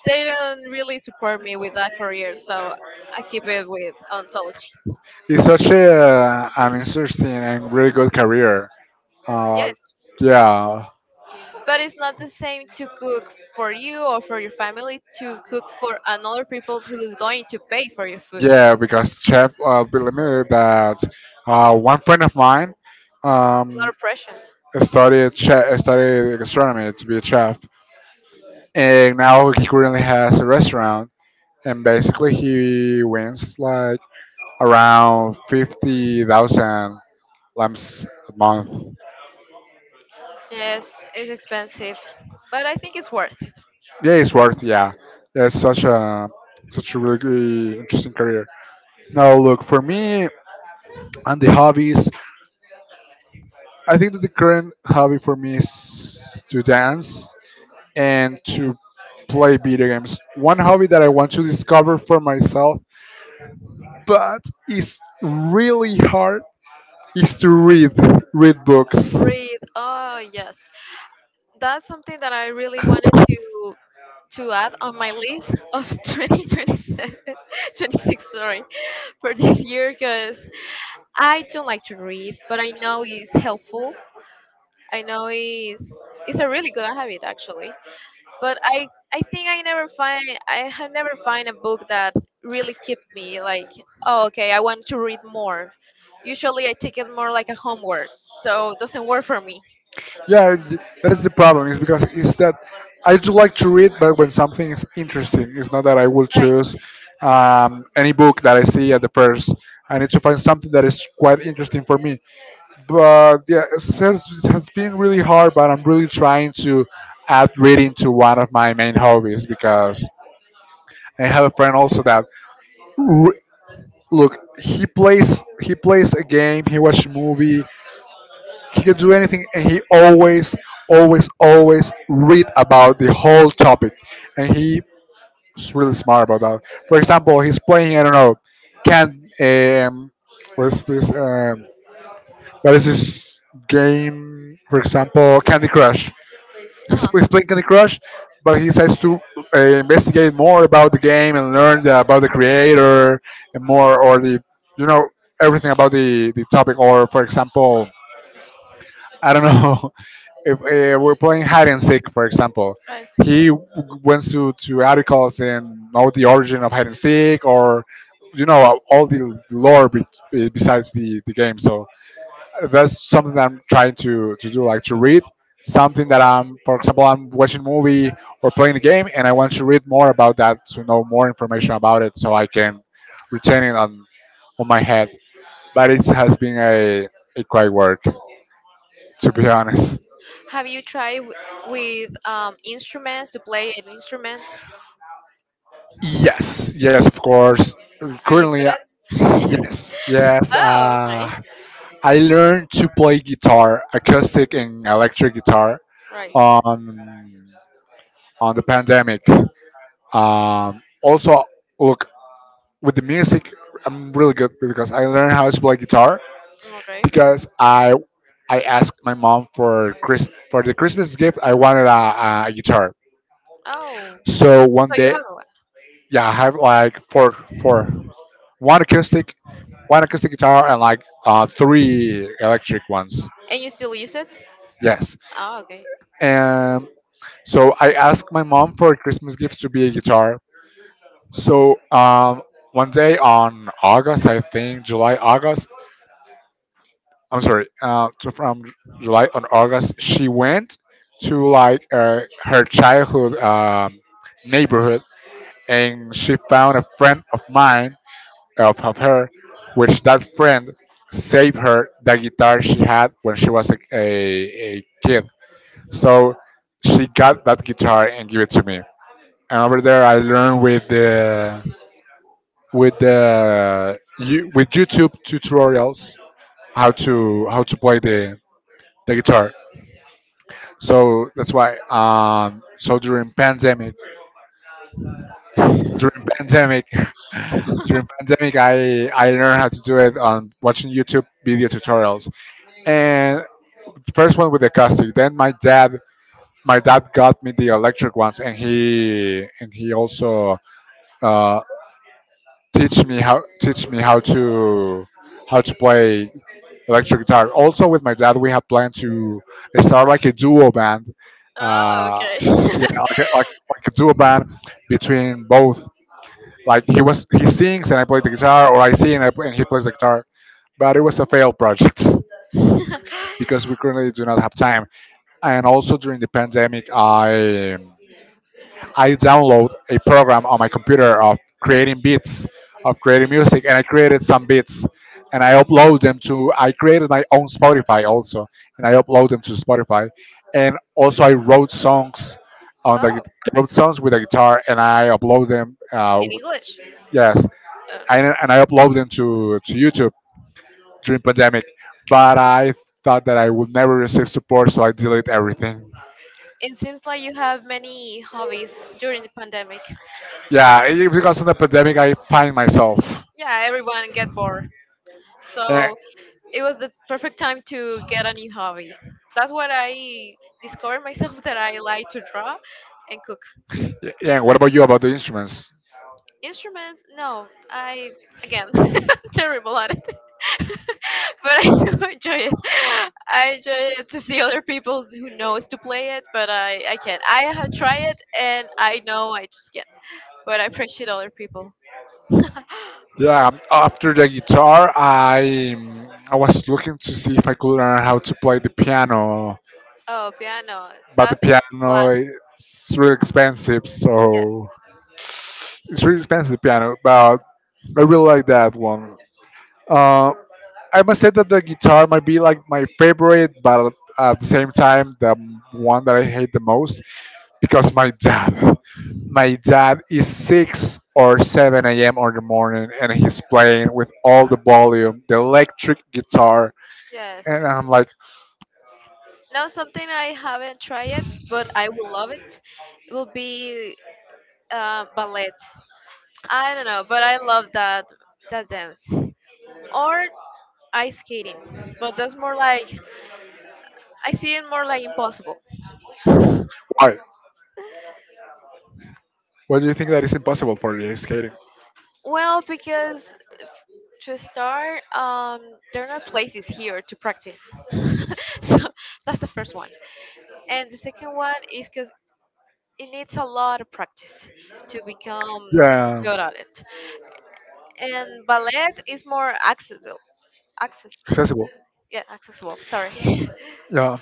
Speaker 2: they don't really support me with that career, so I keep it with odontology.
Speaker 1: It's such an interesting and really good career. Uh,
Speaker 2: Yes.
Speaker 1: yeah,
Speaker 2: But it's not the same to cook for you or for your family to cook for another people who is going to pay for your food. It's
Speaker 1: yeah, because chef, believe me that one friend of mine
Speaker 2: a lot
Speaker 1: um,
Speaker 2: of pressure.
Speaker 1: studied chef, studied gastronomy to be a chef, and now he currently has a restaurant, and basically he wins like around 50,000 lamps a month.
Speaker 2: Yes, it's expensive, but I think it's worth. It.
Speaker 1: Yeah, it's worth. Yeah, that's such a such a really good, interesting career. Now, look, for me and the hobbies, I think that the current hobby for me is to dance and to play video games. One hobby that I want to discover for myself, but is really hard, is to read books.
Speaker 2: Read. Oh, yes. That's something that I really wanted to add on my list of *laughs* 2027, sorry, for this year because I don't like to read, but I know it's helpful. I know it's a really good habit actually. But I think I never find I have never find a book that really keep me like oh okay I want to read more. Usually I take it more like a homework, so it doesn't work for me.
Speaker 1: Yeah, that is the problem. Is because it's that I do like to read, but when something is interesting, it's not that I will
Speaker 2: Right.
Speaker 1: choose any book that I see at the first. I need to find something that is quite interesting for me. But yeah, it has been really hard. But I'm really trying to add reading to one of my main hobbies because I have a friend also that r- look, he plays a game, he watches a movie, he can do anything, and he always always always read about the whole topic, and he's really smart about that. For example, he's playing, I don't know, can what's this what is this game, for example, Candy Crush.
Speaker 2: Uh huh.
Speaker 1: He's playing Candy Crush, but he decides to investigate more about the game and learn about the creator and more, or the you know everything about the topic. Or, for example, I don't know, *laughs* if we're playing hide and seek, for example,
Speaker 2: Right.
Speaker 1: he w- went to articles and know the origin of hide and seek, or you know all the lore besides the game. So that's something that I'm trying to do, like to read something that I'm, for example, I'm watching a movie or playing a game, and I want to read more about that to know more information about it so I can retain it on my head. But it has been a quite work, to be honest.
Speaker 2: Have you tried w- with instruments to play an instrument?
Speaker 1: Yes, yes, of course.
Speaker 2: Are you
Speaker 1: Currently,
Speaker 2: good at?
Speaker 1: yes, yes.
Speaker 2: Oh, okay.
Speaker 1: I learned to play guitar, acoustic and electric guitar,
Speaker 2: Right.
Speaker 1: on on the pandemic. Also, look, with the music, I'm really good because I learned how to play guitar
Speaker 2: Okay.
Speaker 1: because I asked my mom for Chris for the Christmas gift. I wanted a guitar,
Speaker 2: Oh, so
Speaker 1: so one
Speaker 2: you
Speaker 1: day,
Speaker 2: have one,
Speaker 1: yeah, I have like four one acoustic, one acoustic guitar, and like three electric ones.
Speaker 2: and you still use it?
Speaker 1: Yes.
Speaker 2: Oh, okay.
Speaker 1: And so I asked my mom for a Christmas gift to be a guitar. So one day on August, I think July, August. I'm sorry. So from July on August, she went to like her childhood neighborhood, and she found a friend of mine off of her, which that friend saved her the guitar she had when she was a kid. So she got that guitar and gave it to me. And over there, I learned with with YouTube tutorials how to play the guitar. So that's why. So during pandemic, during pandemic, *laughs* during pandemic, I learned how to do it on watching YouTube video tutorials, and the first one with the caustic. Then my dad got me the electric ones, and he also uh, teach me how to play electric guitar. Also with my dad, we have planned to start like a duo band.
Speaker 2: Oh,
Speaker 1: Uh, yeah,
Speaker 2: okay.
Speaker 1: like like a duo band between both. Like he sings and I play the guitar, or I sing and he plays the guitar. But it was a failed project *laughs* because we
Speaker 2: *laughs*
Speaker 1: currently do not have time. And also during the pandemic, I download a program on my computer of creating beats, of creating music, and I created some beats, and I upload them to I created my own Spotify also, and I upload them to Spotify, and also I wrote songs on the
Speaker 2: Oh,
Speaker 1: guit- wrote songs with a guitar and I upload them,
Speaker 2: in English.
Speaker 1: yes,
Speaker 2: Uh,
Speaker 1: and I upload them to YouTube during pandemic, but I thought that I would never receive support, so I delete everything.
Speaker 2: it seems like you have many hobbies during the pandemic.
Speaker 1: Yeah, because of the pandemic, I find myself.
Speaker 2: Yeah, everyone get bored.
Speaker 1: And,
Speaker 2: So it was the perfect time to get a new hobby. That's what I discovered myself *laughs* that I like to draw and cook.
Speaker 1: yeah, yeah, what about you about the instruments?
Speaker 2: Instruments? No, I again *laughs* terrible at it, *laughs* but I do enjoy it. I enjoy it to see other people who knows to play it, but I can't. I have tried it and I know I just can't. But I appreciate other people.
Speaker 1: Yeah, after the guitar, I was looking to see if I could learn how to play the piano,
Speaker 2: Oh, piano.
Speaker 1: but the
Speaker 2: That's
Speaker 1: piano
Speaker 2: class.
Speaker 1: it's really expensive,
Speaker 2: Yes.
Speaker 1: so it's really expensive the piano. But I really like that one. Uh, I must say that the guitar might be like my favorite, but at the same time, the one that I hate the most because my dad is six or seven a.m. on the morning, and he's playing with all the volume, the electric guitar,
Speaker 2: Yes.
Speaker 1: and I'm like,
Speaker 2: Now something I haven't tried yet, but I will love it. It will be ballet. I don't know, but I love that that dance or ice skating. But that's more like I see it more like impossible.
Speaker 1: why? Why do you think that is impossible for you? It's skating.
Speaker 2: Well, because to start, there are not places here to practice, *laughs* so that's the first one. And the second one is because it needs a lot of practice to become
Speaker 1: Yeah,
Speaker 2: good at it. And ballet is more accessible. Access,
Speaker 1: accessible.
Speaker 2: yeah, accessible. Sorry. *laughs*
Speaker 1: Yeah.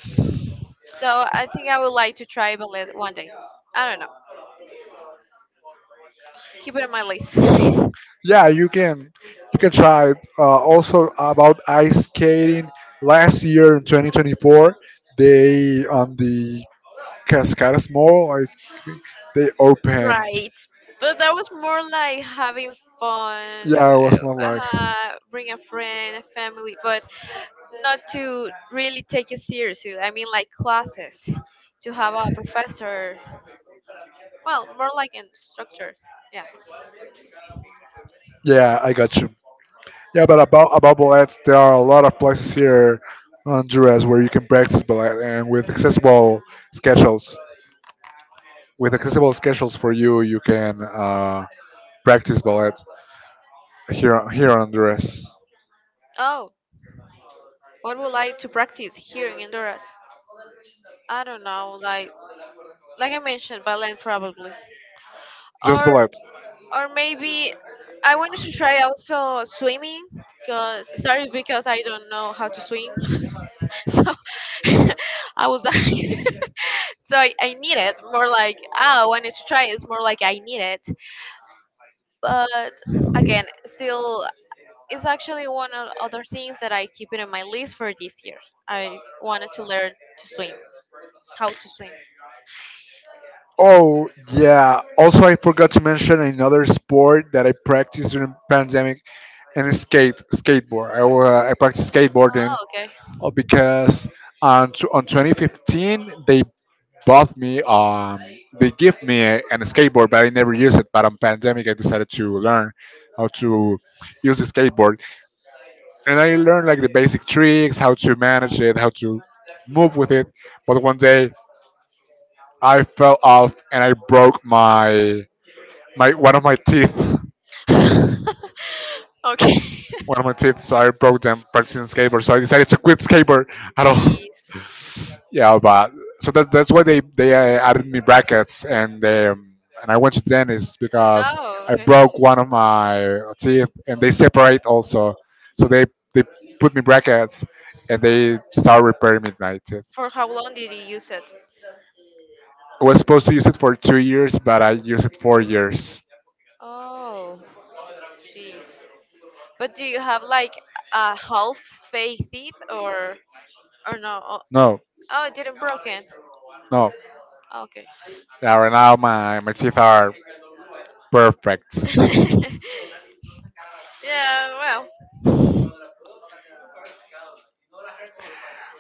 Speaker 2: So I think I would like to try ballet one day. I don't know. Keep it on my list. *laughs*
Speaker 1: Yeah, you can, you can try it. Also, about ice skating, last year in 2024, they on the Cascadas mall, I think, they open.
Speaker 2: Right. But that was more like having fun,
Speaker 1: Yeah, it was not like.
Speaker 2: bring a friend, a family, but not to really take it seriously. I mean, like classes, to have a professor. Well, more like in structure. Yeah.
Speaker 1: Yeah, I got you. Yeah, but about ballets, there are a lot of places here on Honduras where you can practice ballet and with accessible schedules, with accessible schedules for you. You can practice ballet here on Honduras.
Speaker 2: Oh, what would like to practice here in Honduras? I don't know, like I mentioned, ballet probably,
Speaker 1: Just
Speaker 2: or
Speaker 1: ballet.
Speaker 2: or maybe I wanted to try also swimming because started because I don't know how to swim, *laughs* so *laughs* I was like, *laughs* so I need it more like ah, I wanted to try. It's more like I need it, but again, still it's actually one of other things that I keep it on my list for this year. I wanted to learn to swim, how to swim.
Speaker 1: Oh yeah. Also, I forgot to mention another sport that I practiced during pandemic, and it's skateboard. I practiced skateboarding
Speaker 2: Oh, okay.
Speaker 1: because on 2015 they bought me they give me an skateboard, but I never used it. But on pandemic I decided to learn how to use a skateboard, and I learned like the basic tricks, how to manage it, how to move with it. But one day I fell off and I broke my one of my teeth, *laughs*
Speaker 2: *laughs* Okay.
Speaker 1: one of my teeth, so I broke them practicing skateboard, so I decided to quit skateboard at all. *laughs*
Speaker 2: Jeez.
Speaker 1: yeah, but so that's why they added me brackets and I went to dentist because
Speaker 2: Oh,
Speaker 1: I
Speaker 2: okay.
Speaker 1: broke one of my teeth and they separate also, so they put me brackets and they start repairing me my teeth.
Speaker 2: For how long did you use it?
Speaker 1: I was supposed to use it for 2 years, but I used it 4 years.
Speaker 2: Oh, jeez. But do you have like a half faith it or no? Oh,
Speaker 1: No,
Speaker 2: oh, it didn't broken.
Speaker 1: no.
Speaker 2: Okay.
Speaker 1: Yeah, right now my teeth are perfect.
Speaker 2: *laughs* Yeah. Well.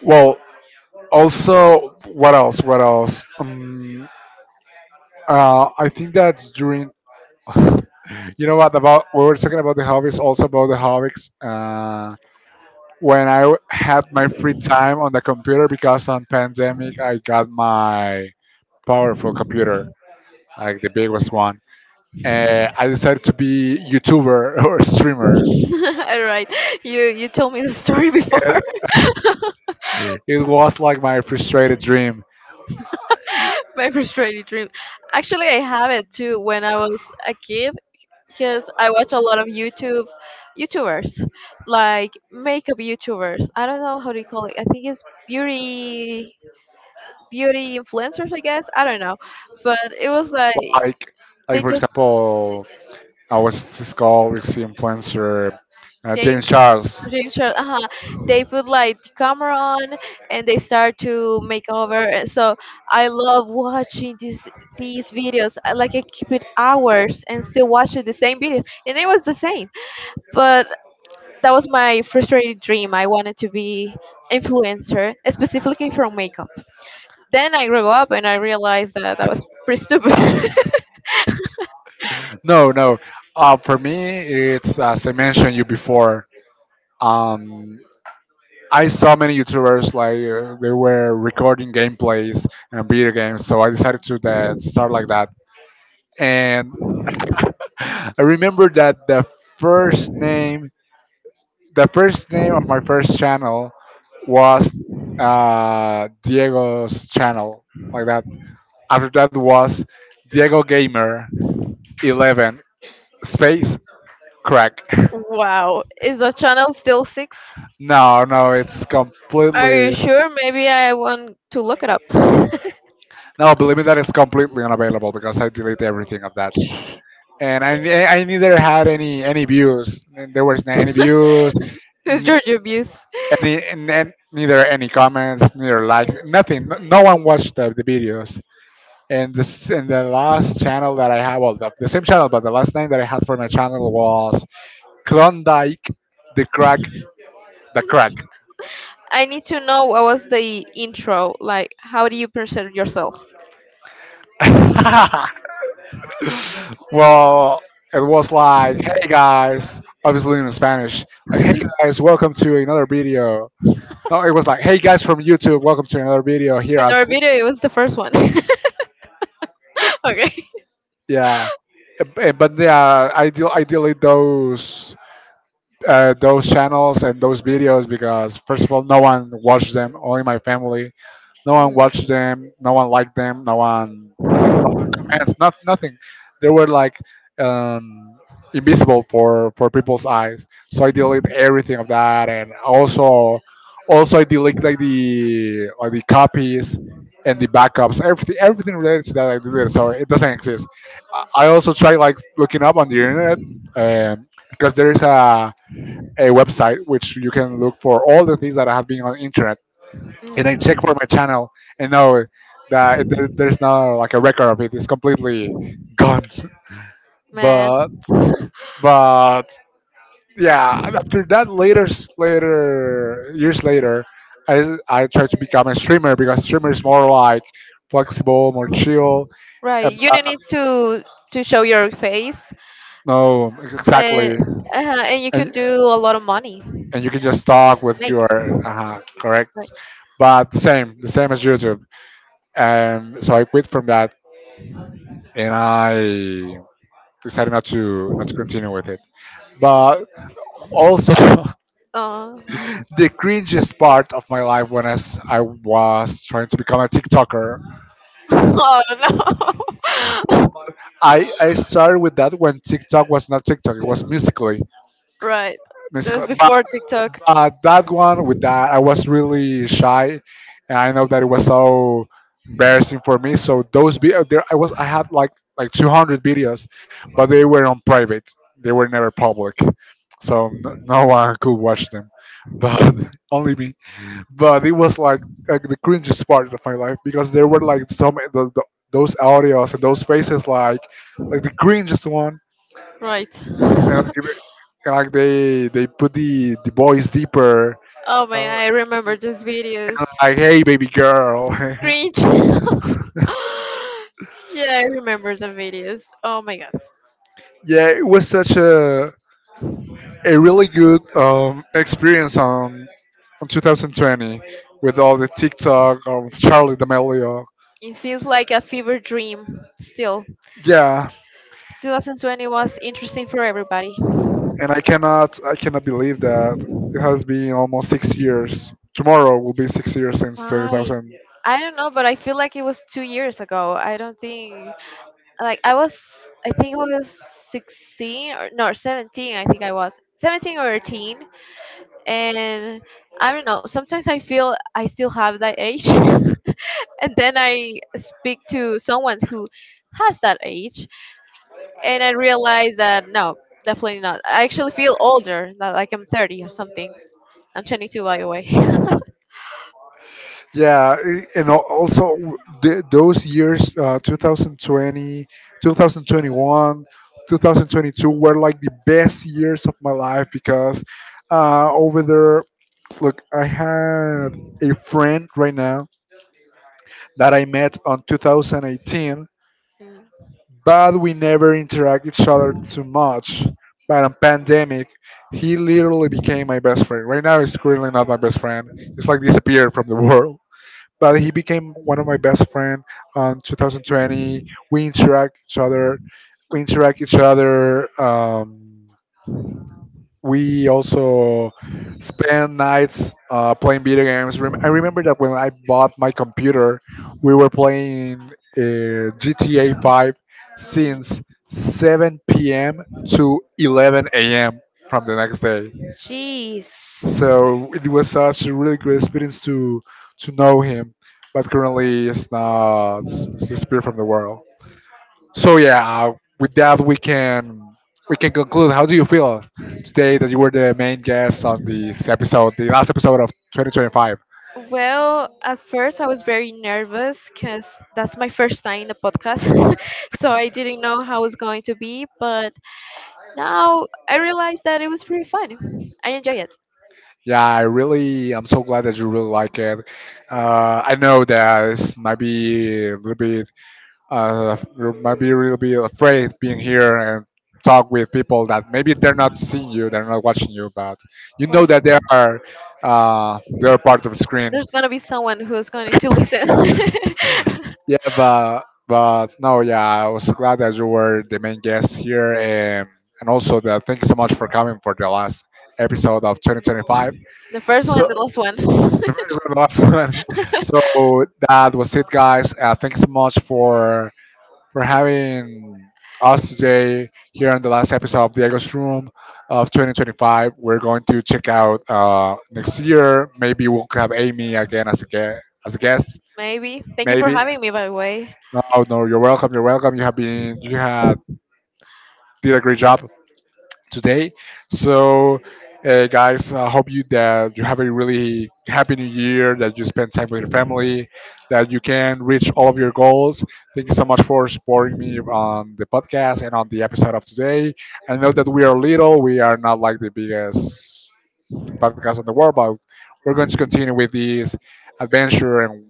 Speaker 1: Well, also, what else? What else? I think that during, *laughs* you know what, about we were talking about the hobbies, also about the hobbies, when had my free time on the computer, because on pandemic I got my powerful computer, like the biggest one, I decided to be youtuber *laughs* or
Speaker 2: *laughs*
Speaker 1: streamer,
Speaker 2: All right, you told me the story before. *laughs*
Speaker 1: and it was like my frustrated dream.
Speaker 2: My frustrated dream. Actually, I have it too when I was a kid because I watch a lot of YouTube YouTubers, like makeup YouTubers. I don't know how to call it. I think it's beauty influencers, I guess. I don't know, but it was like
Speaker 1: like like,
Speaker 2: they
Speaker 1: for
Speaker 2: just
Speaker 1: example, I was this called this influencer, James
Speaker 2: James
Speaker 1: Charles.
Speaker 2: James Charles, uh, they put like the camera on and they start to make over, and so I love watching these videos. I, like I keep it hours and still watching the same videos, and it was the same. But that was my frustrated dream. I wanted to be influencer, specifically from makeup. Then I grew up and I realized that that was pretty stupid. *laughs*
Speaker 1: No, no. For me, it's as I mentioned you before. Um, I saw many YouTubers like they were recording gameplays and video games, so I decided to start like that. And I remember that first name, the first name of my first channel was Diego's channel, like that. After that was Diego Gamer 11 space crack. *laughs*
Speaker 2: Wow, is the channel still six?
Speaker 1: No, no, it's
Speaker 2: Are
Speaker 1: completely
Speaker 2: you sure? Maybe I want to look it up. *laughs*
Speaker 1: no. Believe me, that it's completely unavailable because I delete everything of that, and I neither had any views. There was no any views,
Speaker 2: It's Georgia Abuse.
Speaker 1: any, and then neither any comments, neither likes, nothing. No, no one watched the videos. And this and the last channel that I have, well, the same channel, but the last name that I had for my channel was Klondike, the crack, the crack.
Speaker 2: I need to know what was the intro. Like, how do you present yourself?
Speaker 1: *laughs* Well, it was like, "Hey guys," obviously in Spanish, like, "Hey guys, welcome to another video." No, it was like, "Hey guys from YouTube, welcome to another video here.
Speaker 2: In
Speaker 1: I've,"
Speaker 2: our video, it was the first one. *laughs* Okay.
Speaker 1: yeah. But yeah, I delete those channels and those videos because first of all, no one watched them. Only my family. No one
Speaker 2: Mm.
Speaker 1: watched them. No one liked them. No one comments. Not nothing. They were like um, invisible for people's eyes. So I delete everything of that, and also I delete like the copies and the backups. Everything related to that I deleted. So it doesn't exist. I also try like looking up on the internet, um, because there is a website which you can look for all the things that have been on internet.
Speaker 2: Mm.
Speaker 1: And I check for my channel and know that there's not like a record of it. It's completely gone. *laughs*
Speaker 2: Man,
Speaker 1: But but yeah, after that later later, years later, I tried to become a streamer because streamer is more like flexible, more chill.
Speaker 2: right?
Speaker 1: And,
Speaker 2: You don't need to show your face.
Speaker 1: no, exactly.
Speaker 2: And uh, and you can
Speaker 1: And
Speaker 2: do a lot of money,
Speaker 1: and you can just talk with
Speaker 2: make,
Speaker 1: your
Speaker 2: right?
Speaker 1: correct, but the same as YouTube. So I quit from that, and I decided not to continue with it. But also, *laughs*
Speaker 2: *laughs*
Speaker 1: the
Speaker 2: Oh,
Speaker 1: cringiest part of my life when I was trying to become a TikToker.
Speaker 2: no. *laughs*
Speaker 1: I started with that when TikTok was not TikTok, it was Musically.
Speaker 2: Right, that
Speaker 1: Musically.
Speaker 2: was
Speaker 1: But,
Speaker 2: before TikTok.
Speaker 1: but that one, with that, I was really shy. And I know that it was so embarrassing for me. So those videos, there, I had like 200 videos, but they were on private. They were never public. So no, no one could watch them, but *laughs* only me. But it was like the cringiest part of my life because there were like so many those audios and those faces like the cringiest one.
Speaker 2: Right.
Speaker 1: And,
Speaker 2: *laughs*
Speaker 1: like, and like they put the voice deeper.
Speaker 2: Oh my,
Speaker 1: uh,
Speaker 2: I remember those videos.
Speaker 1: like, "Hey baby girl."
Speaker 2: Cringe. *laughs* Yeah, I remember the videos, oh my god.
Speaker 1: *laughs* Yeah, it was such a really good experience on 2020 with all the TikTok of Charlie D'Amelio.
Speaker 2: It feels like a fever dream still.
Speaker 1: Yeah,
Speaker 2: 2020 was interesting for everybody.
Speaker 1: and I cannot believe that it has been almost 6 years. Tomorrow will be 6 years since
Speaker 2: Right.
Speaker 1: 2000.
Speaker 2: I don't know, but I feel like it was 2 years ago. I don't think like I was. I think I was 16 or no, 17. I think I was 17 or 18, and I don't know. Sometimes I feel I still have that age, *laughs* and then I speak to someone who has that age, and I realize that no, definitely not. I actually feel older, not like I'm 30 or something. I'm 22, by the way.
Speaker 1: Yeah, and also those years, 2020, 2021, 2022 were like the best years of my life because, over there, look, I had a friend right now that I met on 2018.
Speaker 2: *laughs*
Speaker 1: But we never interact each other too much. But on pandemic, he literally became my best friend. Right now, he's currently not my best friend. He's like disappeared from the *laughs* world. But he became one of my best friend on 2020. We interact each other. We interact each other. We also spend nights playing video games. I remember that when I bought my computer, we were playing GTA 5 since 7 p.m. to 11 a.m. from the next day.
Speaker 2: Jeez.
Speaker 1: So it was such a really great experience to know him, but currently it's not, it's disappeared from the world. So yeah, with that we can conclude. How do you feel today that you were the main guest on this episode, the last episode of 2025?
Speaker 2: Well, at first I was very nervous because that's my first time in a podcast. *laughs* So I didn't know how it was going to be, but now I realized that it was pretty fun. I enjoy it.
Speaker 1: Yeah, I really, I'm so glad that you really like it. I know that this might be a little bit, you might be a little bit afraid being here and talk with people that maybe they're not seeing you, they're not watching you, but you know
Speaker 2: Right.
Speaker 1: that they are they're part of the screen.
Speaker 2: There's going to be someone who's going to listen. *laughs*
Speaker 1: Yeah, but no, yeah, I was glad that you were the main guest here, and also that thank you so much for coming for the last episode of 2025.
Speaker 2: The first one,
Speaker 1: So
Speaker 2: the last one.
Speaker 1: *laughs* the
Speaker 2: *laughs*
Speaker 1: last one. So that was it, guys. Thank you so much for having us today here on the last episode of Diego's Room of 2025. We're going to check out next year. Maybe we'll have Amy again as a guest. As a guest,
Speaker 2: Maybe. Thank you for
Speaker 1: maybe.
Speaker 2: having me, by the way.
Speaker 1: No, no, you're welcome. You're welcome. You have been you had did a great job today. So, guys, I hope you that you have a really happy new year. That you spend time with your family. That you can reach all of your goals. Thank you so much for supporting me on the podcast and on the episode of today. I know that we are little. We are not like the biggest podcast on the world, but we're going to continue with this adventure and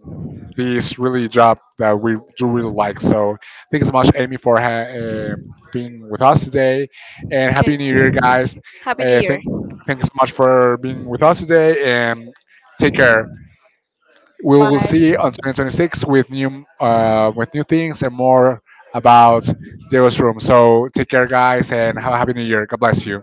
Speaker 1: this really job that we do really like. So thank you so much, Amy, for being with us today, and
Speaker 2: Okay.
Speaker 1: happy New Year, guys.
Speaker 2: Happy New
Speaker 1: Uh,
Speaker 2: Year.
Speaker 1: thank Thank you so much for being with us today, and take care. We will
Speaker 2: Bye.
Speaker 1: see you on 2026 with new things and more about Dio's room. So take care, guys, and have a happy New Year. God bless you.